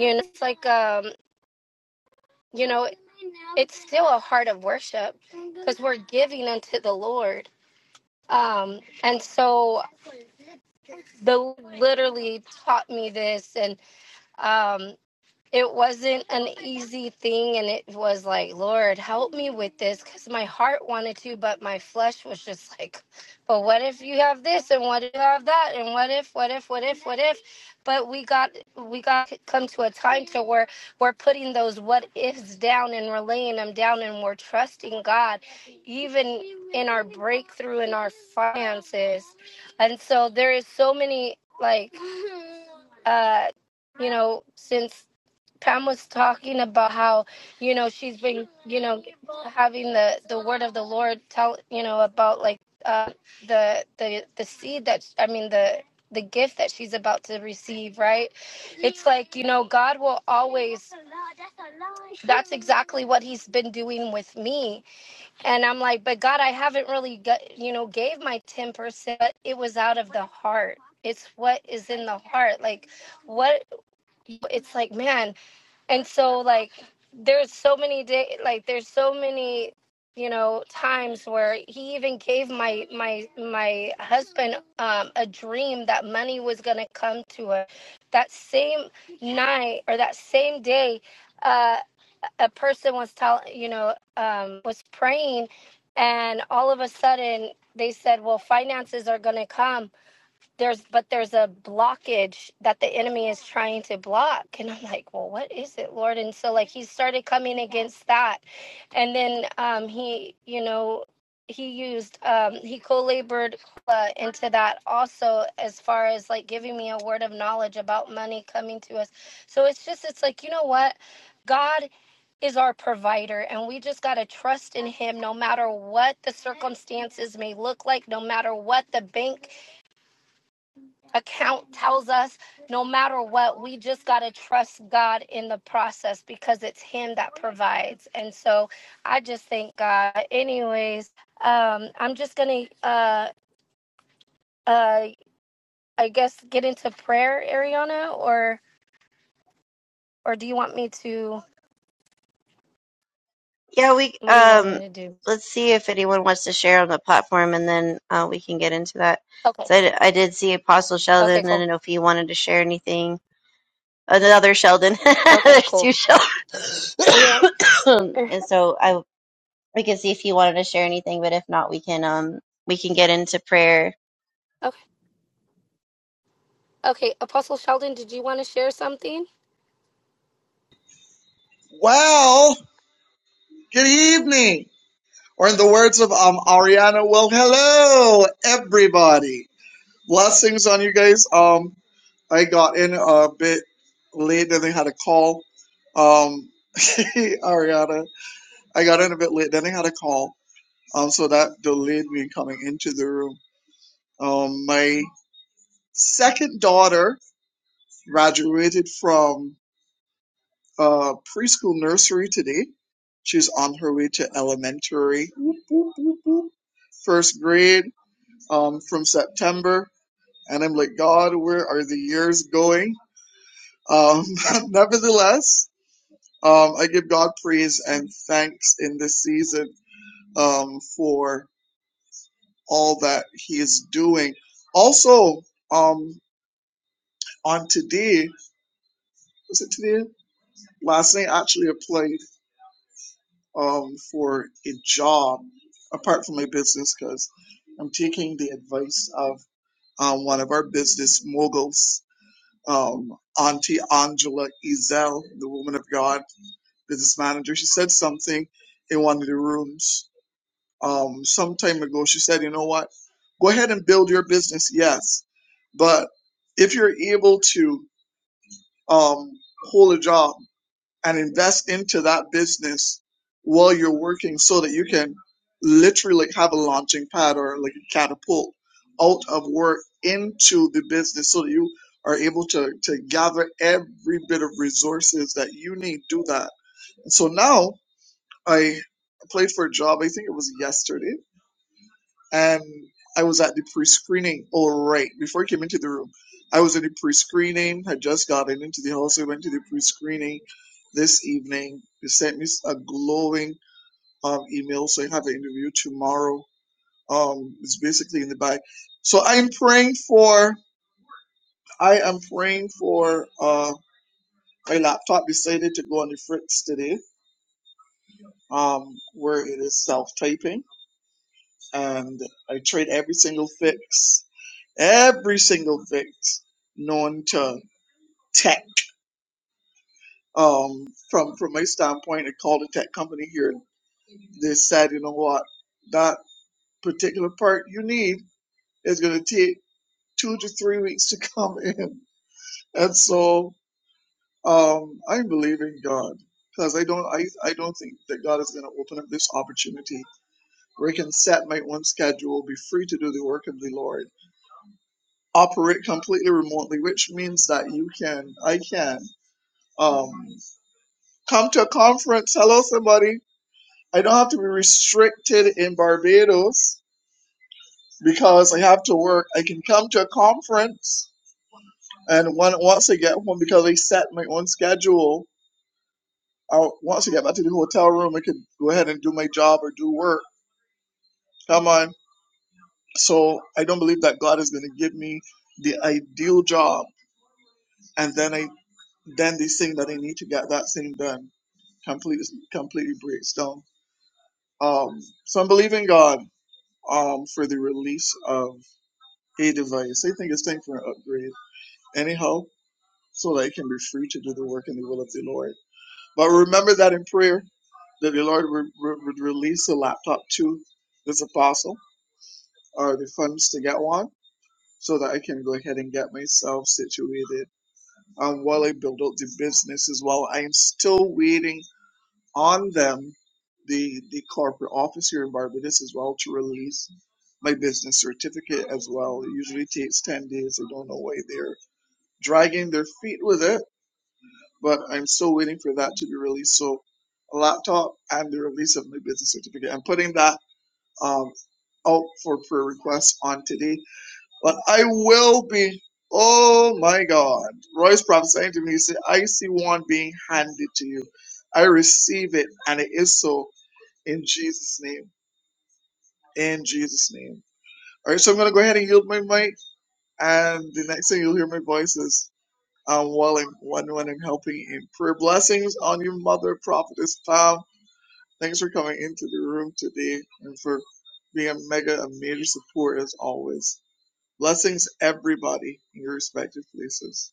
Speaker 1: you know it's like um you know it's still a heart of worship because we're giving unto the lord um and so the Lord literally taught me this and um it wasn't an easy thing and it was like lord help me with this because my heart wanted to but my flesh was just like but what if you have this and what if you have that and what if what if what if what if but we got we got to come to a time to where we're putting those what ifs down and we're laying them down and we're trusting god even in our breakthrough in our finances and so there is so many like uh you know since Pam was talking about how you know she's been having the Lord tell you know about like uh, the the the seed that I mean the the gift that she's about to receive, right? You know, God will always what he's been doing with me and i'm like but god i haven't really got you know gave my 10% it was out of the heart it's what is in the heart like what it's like man and so like there's so many day like there's so many you know times where he even gave my my my husband um a dream that money was going to come to her that same night or that same day uh a person was telling you know um was praying and all of a sudden they said well finances are going to come there's but there's a blockage that the enemy is trying to block and i'm like well what is it lord and so like he started coming against that and then um he you know he used um he co-labored uh, into that also as far as like giving me a word of knowledge about money coming to us so it's just it's like you know what god is our provider and we just got to trust in him no matter what the circumstances may look like no matter what the bank account tells us no matter what, we just got to trust God in the process because it's Him that provides. And so I just thank God. Anyways, um, I'm just going to, uh, uh, I guess, get into prayer, Ariana, or, or do you want me to,
Speaker 2: Yeah, we
Speaker 1: what do you want me
Speaker 2: um
Speaker 1: to do?
Speaker 2: let's see if anyone wants to share on the platform and then uh, we can get into that.
Speaker 1: Okay.
Speaker 2: So I, d- I did see Apostle
Speaker 1: Okay,
Speaker 2: Sheldon. I
Speaker 1: cool.
Speaker 2: don't know if he wanted to share anything. Another Sheldon.
Speaker 1: Okay,
Speaker 2: There's
Speaker 1: cool.
Speaker 2: two Sheldon.
Speaker 1: Yeah.
Speaker 2: and so I we can see if he wanted to share anything, but if not, we can um we can get into prayer.
Speaker 1: Okay. Okay. Apostle Sheldon, did you want to share something?
Speaker 5: Well, good evening. Or in the words of um Ariana, well, hello everybody. Blessings on you guys. Um, I got in a bit late. Then they had a call. Um, Ariana, I got in a bit late. Then they had a call. Um, so that delayed me coming into the room. Um, my second daughter graduated from uh, preschool nursery today. She's on her way to elementary, whoop, whoop, whoop, whoop, first grade um, from September. And I'm like, God, where are the years going? Um, nevertheless, um, I give God praise and thanks in this season um, for all that He is doing. Also, um, on today, was it today? Last night, actually, I played. um, for a job apart from my business because I'm taking the advice of um, one of our business moguls, um, Auntie Angela Ezel, the woman of God, business manager. She said something in one of the rooms um, some time ago. She said, You know what? Go ahead and build your business, yes. But if you're able to um, hold a job, and invest into that business while you're working so that you can literally have a launching pad or like a catapult out of work into the business so that you are able to, to gather every bit of resources that you need do that. So now I applied for a job, I think it was yesterday and I was at the pre-screening. Oh, right, before I came into the room, I was at the pre-screening. I just got in into the house. I went to the pre-screening this evening. They sent me a glowing um, email, so I have an interview tomorrow. Um, it's basically in the bag. So I'm praying for. I am praying for. Uh, my laptop decided to go on the fritz today, um, where it is self-typing, and I tried every single fix every single fix known to tech. Um, from from my standpoint, I called a tech company here. and They said, you know what, that particular part you need is going to take two to three weeks to come in, and so um, I believe in God because I don't I, I don't think that God is going to open up this opportunity where I can set my own schedule, be free to do the work of the Lord, operate completely remotely, which means that you can I can. um, come to a conference. Hello, somebody. I don't have to be restricted in Barbados because I have to work. I can come to a conference, and when, once I get home, because I set my own schedule, I, once I get back to the hotel room, I can go ahead and do my job or do work. Come on. So I don't believe that God is going to give me the ideal job, and then I then this thing that I need to get that thing done completely completely breaks down. Um, so I'm believing God. um, for the release of a device. They think it's time for an upgrade, anyhow, so that it can be free to do the work in the will of the Lord. But remember that in prayer, that the Lord would, would release a laptop to this apostle or the funds to get one so that I can go ahead and get myself situated. And Um, while I build out the business as well, I'm still waiting on them the the corporate office here in Barbados as well to release my business certificate as well. It usually takes ten days. I don't know why they're dragging their feet with it, but I'm still waiting for that to be released. So a laptop and the release of my business certificate. I'm putting that um out for prayer requests on today. But I will be oh my god. Roy's prophesying to me, he said, I see one being handed to you. I receive it and it is so in Jesus' name. In Jesus' name. All right, so I'm going to go ahead and yield my mic. And the next thing you'll hear my voice is um, while I'm, when, when I'm helping in prayer. Blessings on your mother, Prophetess Pam. Thanks for coming into the room today and for being a mega, a major support as always. Blessings, everybody, in your respective places.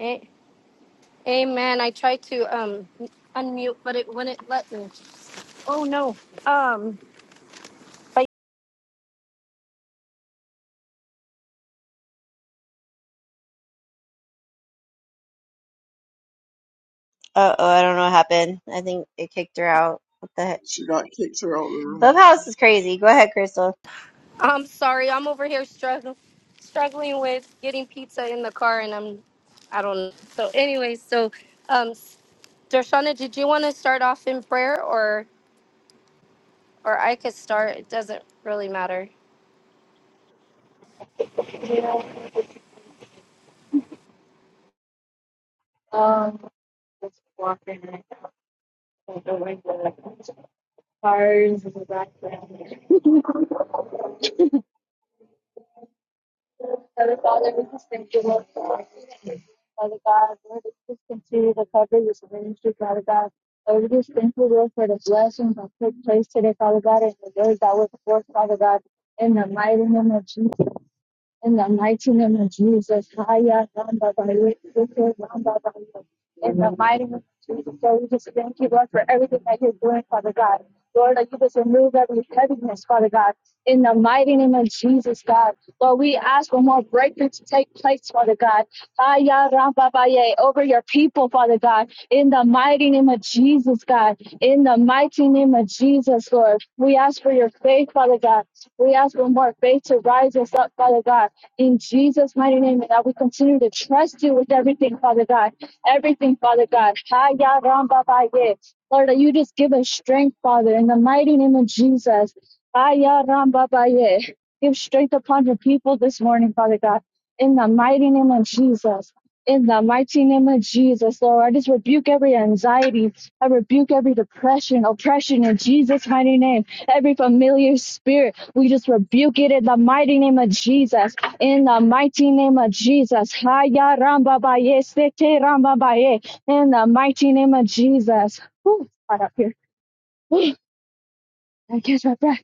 Speaker 1: A- Amen. I tried to, um, unmute, but it wouldn't let me. Oh no. Um, but
Speaker 2: Uh oh, I don't know what happened. I think it kicked her out. What the heck?
Speaker 5: She got kicked her out of the room.
Speaker 2: Clubhouse is crazy. Go ahead, Crystal.
Speaker 1: I'm sorry. I'm over here struggling, struggling with getting pizza in the car, and I'm, I don't know. So, anyways, so, um, Darshana, did you want to start off in prayer, or, or I could start? It doesn't really matter.
Speaker 6: Yeah, um, just walking out the window, cars in the background. Father God, we just thank you, Lord God. Father God, Lord, that you just continue to cover this ministry, Father God. Lord, we just thank you, Lord, for the blessings that took place today, Father God, and the words that were forth, Father God, in the mighty name of Jesus. In the mighty name of Jesus, Haya Ramba Baye, Yoko Ramba Baye. in the mighty name of Jesus, Lord, we just thank you, Lord, for everything that you're doing, Father God. Lord, that you just remove every heaviness, Father God. In the mighty name of Jesus, God. Lord, we ask for more breakthrough to take place, Father God. Haya Ramba Baye, Over your people, Father God. In the mighty name of Jesus, God. In the mighty name of Jesus, Lord. We ask for your faith, Father God. We ask for more faith to rise us up, Father God in Jesus' mighty name, and that we continue to trust you with everything, Father God. Everything, Father God. Ha, ya, ram, ba, ba, ye. Lord, that you just give us strength, Father, in the mighty name of Jesus. Ha, ya, ram, ba, ba, ye. Give strength upon your people this morning, Father God, in the mighty name of Jesus. In the mighty name of Jesus, Lord, I just rebuke every anxiety. I rebuke every depression, oppression in Jesus' mighty name. Every familiar spirit, we just rebuke it in the mighty name of Jesus. In the mighty name of Jesus. Haya ramba baye, sete ramba baye. In the mighty name of Jesus. Ooh, hot up here. Ooh, I catch my breath.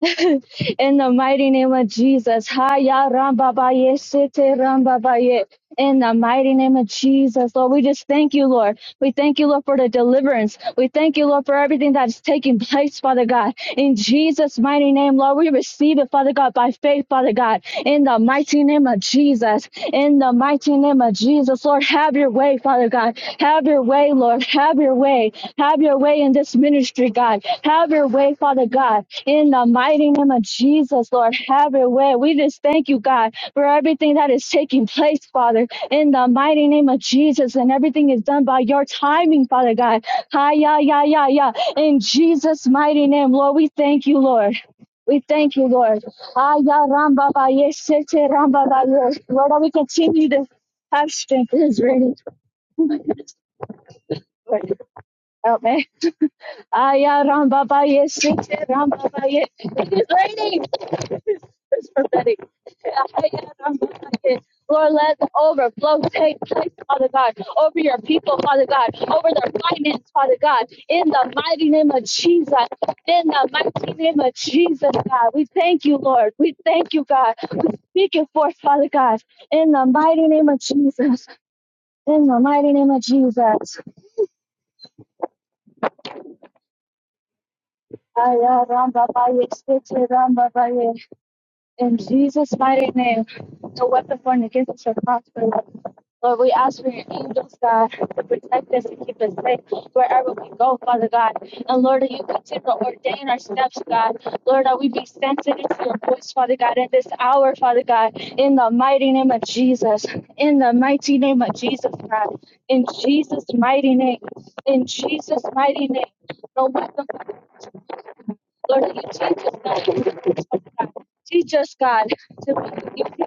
Speaker 6: In the mighty name of Jesus. Haya rambabaye, sete rambabaye. In the mighty name of Jesus, Lord, we just thank you, Lord. We thank you, Lord, for the deliverance. We thank you, Lord, for everything that is taking place, Father God. In Jesus' mighty name, Lord, we receive it, Father God, by faith, Father God. In the mighty name of Jesus. In the mighty name of Jesus, Lord, have your way, Father God. Have your way, Lord. Have your way. Have your way in this ministry, God. Have your way, Father God. In the mighty name of Jesus, Lord, have your way. We just thank you, God, for everything that is taking place, Father. In the mighty name of Jesus, and everything is done by your timing, Father God. Hi, yeah, yeah, yeah, yeah. In Jesus' mighty name, Lord, we thank you, Lord. We thank you, Lord. Hi, yeah, Ramba, ba, yes, sete, Ramba, ba, yes. Lord, we continue to have strength. It is ready. Lord, Help me. Hi, yeah, Ramba, ba, yes, sete, Ramba, ba, yes. It is raining. It's prophetic. like Lord, let the overflow take place, Father God, over your people, Father God, over their finance, Father God, in the mighty name of Jesus. In the mighty name of Jesus, God, we thank you, Lord. We thank you, God. We speak it forth, Father God, in the mighty name of Jesus. In the mighty name of Jesus. Aya ramba baye, spete ramba baye. In Jesus' mighty name, the weapon formed against us shall prosper. Lord, we ask for your angels, God, to protect us and keep us safe wherever we go, Father God. And Lord, that you continue to ordain our steps, God. Lord, that we be sensitive to your voice, Father God, in this hour, Father God, in the mighty name of Jesus. In the mighty name of Jesus, God. In Jesus' mighty name. In Jesus' mighty name. No weapon Lord, you change us, God, that you teach us, God. Teach us, God, to give you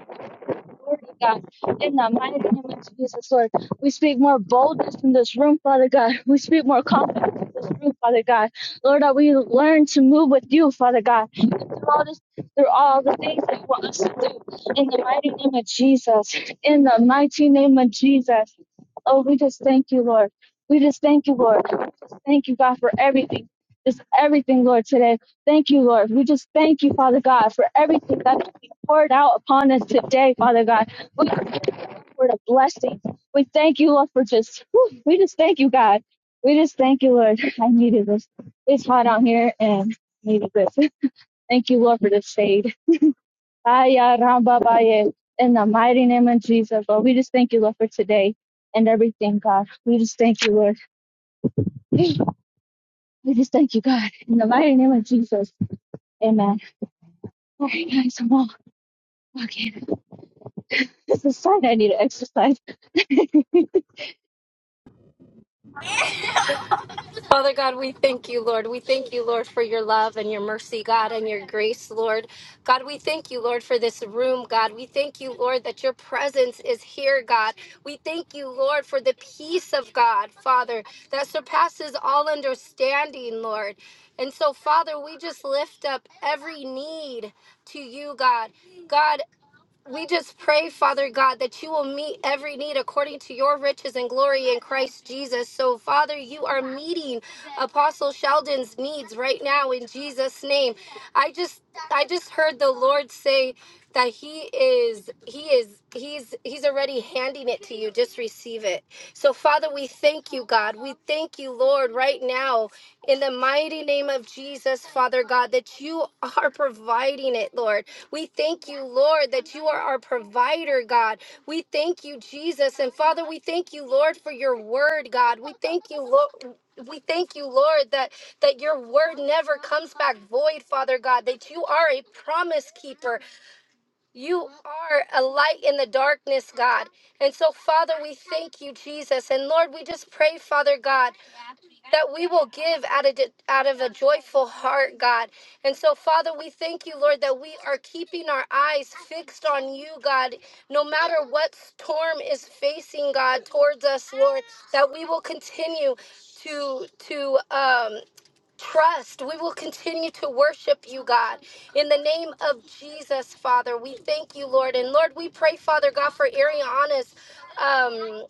Speaker 6: authority, God, in the mighty name of Jesus, Lord. We speak more boldness in this room, Father God. We speak more confidence in this room, Father God. Lord, that we learn to move with you, Father God, and through all this, through all the things that you want us to do, in the mighty name of Jesus, in the mighty name of Jesus. Oh, we just thank you, Lord. We just thank you, Lord. We just thank you, God, for everything. Just everything, Lord, today. Thank you, Lord. We just thank you, Father God, for everything that's being poured out upon us today, Father God. We thank you for the blessings. We thank you, Lord, for just, whew, we just thank you, God. We just thank you, Lord. I needed this. It's hot out here and I needed this. Thank you, Lord, for the shade. Aya ramba baye. In the mighty name of Jesus, Lord, we just thank you, Lord, for today and everything, God. We just thank you, Lord. We just thank you, God. In the mighty name of Jesus, amen. All right, guys, I'm all walking. This is a sign I need to exercise.
Speaker 1: Father God, we thank you, Lord. We thank you, Lord, for your love and your mercy, God, and your grace, Lord. God, we thank you, Lord, for this room, God. We thank you, Lord, that your presence is here, God. We thank you, Lord, for the peace of God, Father, that surpasses all understanding, Lord. And so, Father, we just lift up every need to you, God. God, we just pray, Father God, that you will meet every need according to your riches and glory in Christ Jesus. So, Father, you are meeting Apostle Sheldon's needs right now in Jesus' name. I just I just heard the Lord say that he is he is he's he's already handing it to you. Just receive it. So, Father, we thank you, God. We thank you, Lord, right now in the mighty name of Jesus, Father God, that you are providing it, Lord. We thank you, Lord, that you are our provider, God. We thank you, Jesus. And Father, we thank you, Lord, for your word, God. We thank you, Lord. We thank you, Lord, that, that your word never comes back void, Father God, that you are a promise keeper. You are a light in the darkness, God. And so, Father, we thank you, Jesus. And Lord, we just pray, Father God that we will give out of, out of a joyful heart, God. And so, Father, we thank you, Lord, that we are keeping our eyes fixed on you, God, no matter what storm is facing, God, towards us, Lord, that we will continue to, to, um, Trust. We will continue to worship you, God. In the name of Jesus, Father, we thank you, Lord. And Lord, we pray, Father God, for Ariana's um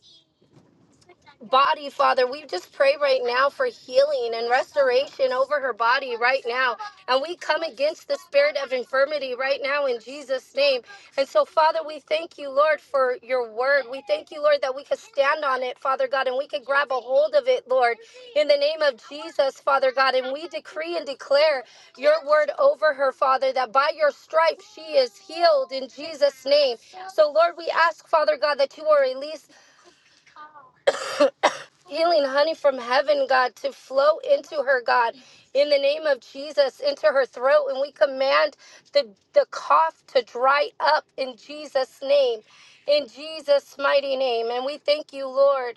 Speaker 1: body, Father. We just pray right now for healing and restoration over her body right now. And we come against the spirit of infirmity right now in Jesus' name. And so, Father, we thank you, Lord, for your word. We thank you, Lord, that we could stand on it, Father God, and we could grab a hold of it, Lord, in the name of Jesus, Father God. And we decree and declare your word over her, Father, that by your stripes she is healed in Jesus' name. So, Lord, we ask, Father God, that you will release healing honey from heaven, God, to flow into her, God, in the name of Jesus, into her throat. And we command the, the cough to dry up in Jesus' name, in Jesus' mighty name. And we thank you, Lord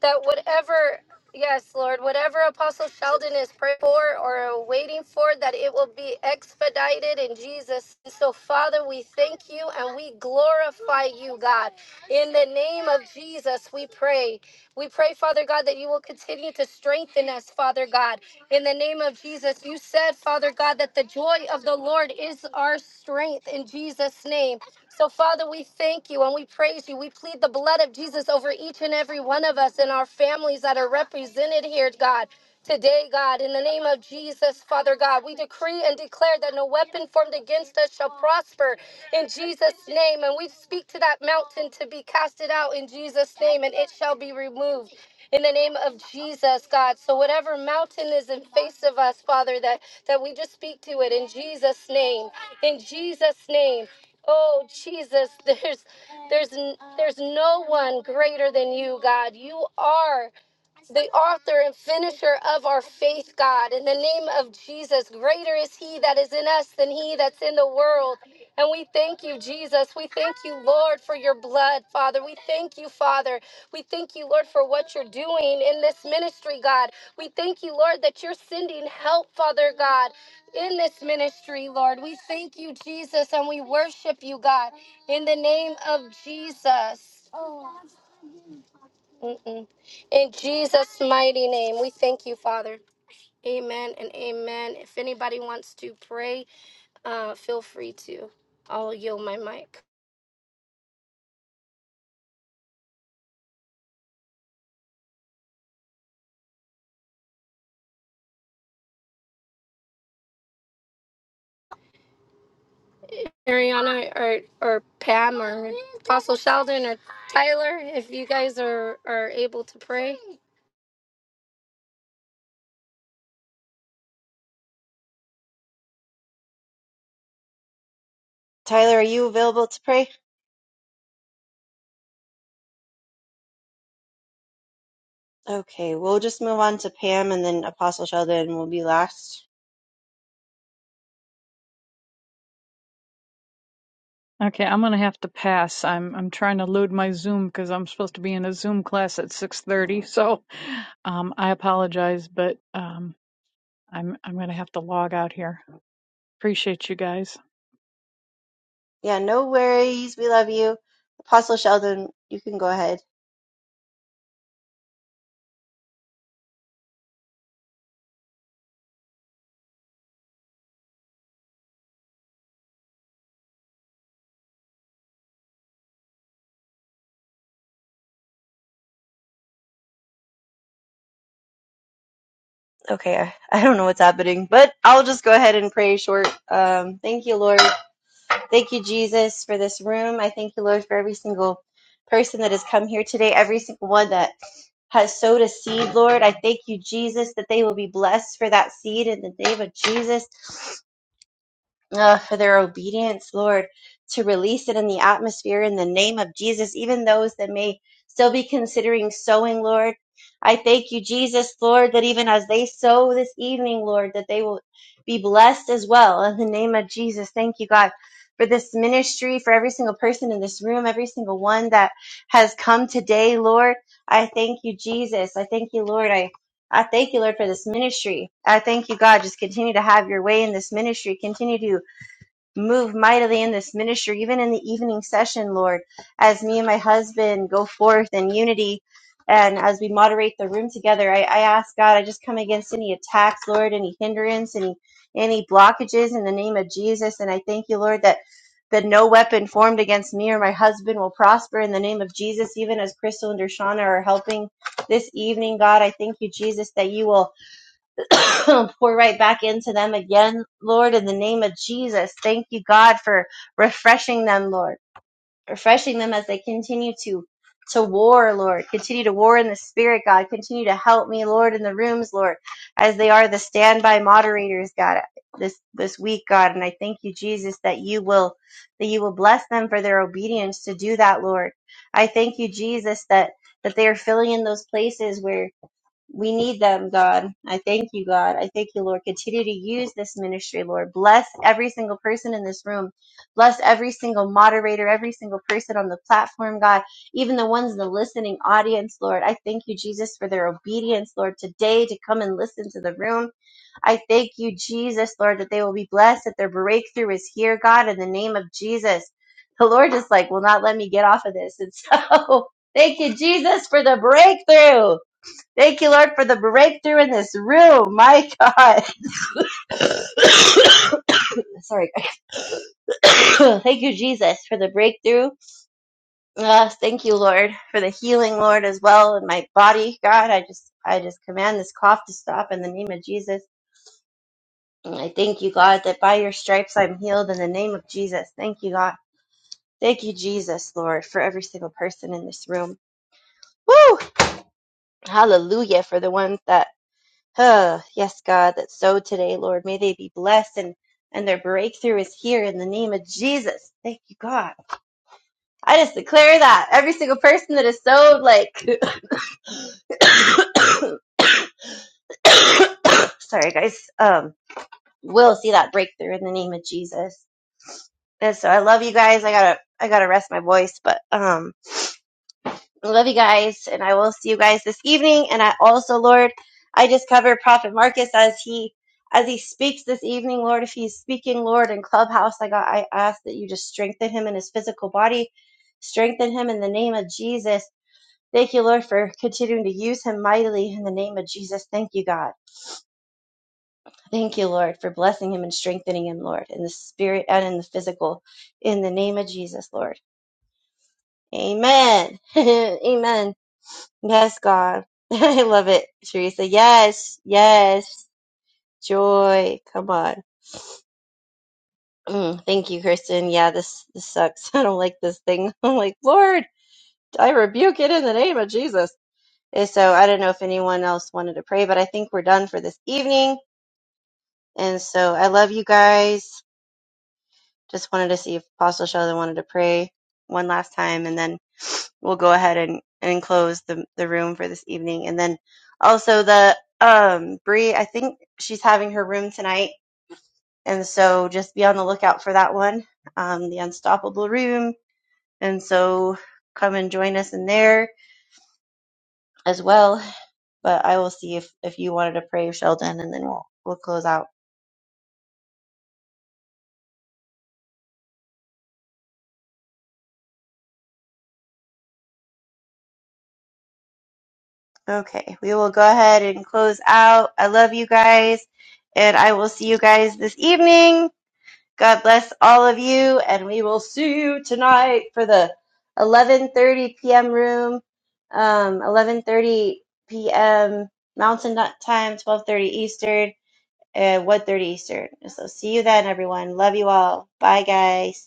Speaker 1: that whatever, yes, Lord, whatever Apostle Sheldon is praying for or waiting for, that it will be expedited in Jesus. And So, Father, we thank you and we glorify you, God. In the name of Jesus, we pray. We pray, Father God, that you will continue to strengthen us, Father God. In the name of Jesus, you said, Father God, that the joy of the Lord is our strength in Jesus' name. So, Father, we thank you and we praise you. We plead the blood of Jesus over each and every one of us and our families that are represented here, God. Today, God, in the name of Jesus, Father God, we decree and declare that no weapon formed against us shall prosper in Jesus' name. And we speak to that mountain to be casted out in Jesus' name, and it shall be removed in the name of Jesus, God. So whatever mountain is in face of us, Father, that that we just speak to it in Jesus' name, in Jesus' name. Oh Jesus, there's there's there's no one greater than you, God. You are the author and finisher of our faith, God. In the name of Jesus, greater is He that is in us than He that's in the world. And we thank you, Jesus. We thank you, Lord, for your blood, Father. We thank you, Father. We thank you, Lord, for what you're doing in this ministry, God. We thank you, Lord, that you're sending help, Father God, in this ministry, Lord. We thank you, Jesus, and we worship you, God, in the name of Jesus. Mm-mm. In Jesus' mighty name, we thank you, Father. Amen and amen. If anybody wants to pray, uh, feel free to. I'll yield my mic. Ariana or, or Pam or Apostle Sheldon or Tyler, if you guys are, are able to pray.
Speaker 2: Tyler, are you available to pray? Okay, we'll just move on to Pam and then Apostle Sheldon will be last.
Speaker 4: Okay, I'm going to have to pass. I'm I'm trying to load my Zoom because I'm supposed to be in a Zoom class at 6:30. So um, I apologize, but um, I'm I'm gonna have to log out here. Appreciate you guys.
Speaker 2: Yeah, no worries. We love you. Apostle Sheldon, you can go ahead. Okay, I, I don't know what's happening, but I'll just go ahead and pray short. Um, thank you, Lord. Thank you, Jesus, for this room. I thank you, Lord, for every single person that has come here today, every single one that has sowed a seed, Lord. I thank you, Jesus, that they will be blessed for that seed in the name of Jesus. uh, for their obedience, Lord, to release it in the atmosphere in the name of Jesus, even those that may still be considering sowing, Lord. I thank you, Jesus, Lord, that even as they sow this evening, Lord, that they will be blessed as well in the name of Jesus. Thank you, God. For this ministry, for every single person in this room, every single one that has come today, Lord, I thank you, Jesus. I thank you, Lord. I I thank you, Lord, for this ministry. I thank you, God. Just continue to have your way in this ministry. Continue to Move mightily in this ministry, even in the evening session, Lord, as me and my husband go forth in unity and as we moderate the room together. I, I ask God, I just come against any attacks, Lord, any hindrance, any any blockages in the name of Jesus. And I thank you, Lord, that that no weapon formed against me or my husband will prosper in the name of Jesus, even as Crystal and Dershana are helping this evening, God. I thank you, Jesus, that you will. pour right back into them again, Lord, in the name of Jesus. Thank you, God, for refreshing them, Lord. Refreshing them as they continue to to war, Lord. Continue to war in the spirit, God. Continue to help me, Lord, in the rooms, Lord, as they are the standby moderators, God, this this week, God. And I thank you, Jesus, that you will that you will bless them for their obedience to do that, Lord. I thank you, Jesus, that that they are filling in those places where we need them, God. I thank you, God. I thank you, Lord. Continue to use this ministry, Lord. Bless every single person in this room. Bless every single moderator, every single person on the platform, God. Even the ones in the listening audience, Lord. I thank you, Jesus, for their obedience, Lord, today to come and listen to the room. I thank you, Jesus, Lord, that they will be blessed, that their breakthrough is here, God, in the name of Jesus. The Lord just like will not let me get off of this. And so thank you, Jesus, for the breakthrough. Thank you, Lord, for the breakthrough in this room. My God. Sorry. thank you, Jesus, for the breakthrough. Uh, thank you, Lord, for the healing, Lord, as well in my body. God, I just, I just command this cough to stop in the name of Jesus. And I thank you, God, that by your stripes I'm healed in the name of Jesus. Thank you, God. Thank you, Jesus, Lord, for every single person in this room. Woo! Hallelujah for the ones that Huh. Yes, God, that's so today, Lord. May they be blessed and, and their breakthrough is here in the name of Jesus. Thank you, God. I just declare that every single person that is so like, sorry guys, um, will see that breakthrough in the name of Jesus. And so I love you guys. I gotta, I gotta rest my voice, but, um, I love you guys, and I will see you guys this evening. And I also, Lord, I just cover Prophet Marcus as he as he speaks this evening, Lord. If he's speaking, Lord, in Clubhouse, like, I got I ask that you just strengthen him in his physical body, strengthen him in the name of Jesus. Thank you, Lord, for continuing to use him mightily in the name of Jesus. Thank you, God. Thank you, Lord, for blessing him and strengthening him, Lord, in the spirit and in the physical, in the name of Jesus, Lord. Amen. Amen. Yes, God. I love it, Teresa. Yes, yes. Joy. Come on. Mm, thank you, Kristen. Yeah, this, this sucks. I don't like this thing. I'm like, Lord, I rebuke it in the name of Jesus. And so I don't know if anyone else wanted to pray, but I think we're done for this evening. And so I love you guys. Just wanted to see if Apostle Sheldon wanted to pray one last time, and then we'll go ahead and, and close the, the room for this evening. And then also the um Bree, I think she's having her room tonight. And so just be on the lookout for that one. Um, the Unstoppable Room. And so come and join us in there as well. But I will see if, if you wanted to pray, Sheldon, and then we'll we'll close out. Okay, we will go ahead and close out. I love you guys, and I will see you guys this evening. God bless all of you, and we will see you tonight for the 11:30 p.m. room, um, 11:30 p.m. Mountain Time, 12:30 Eastern, and one thirty Eastern. So see you then, everyone. Love you all. Bye, guys.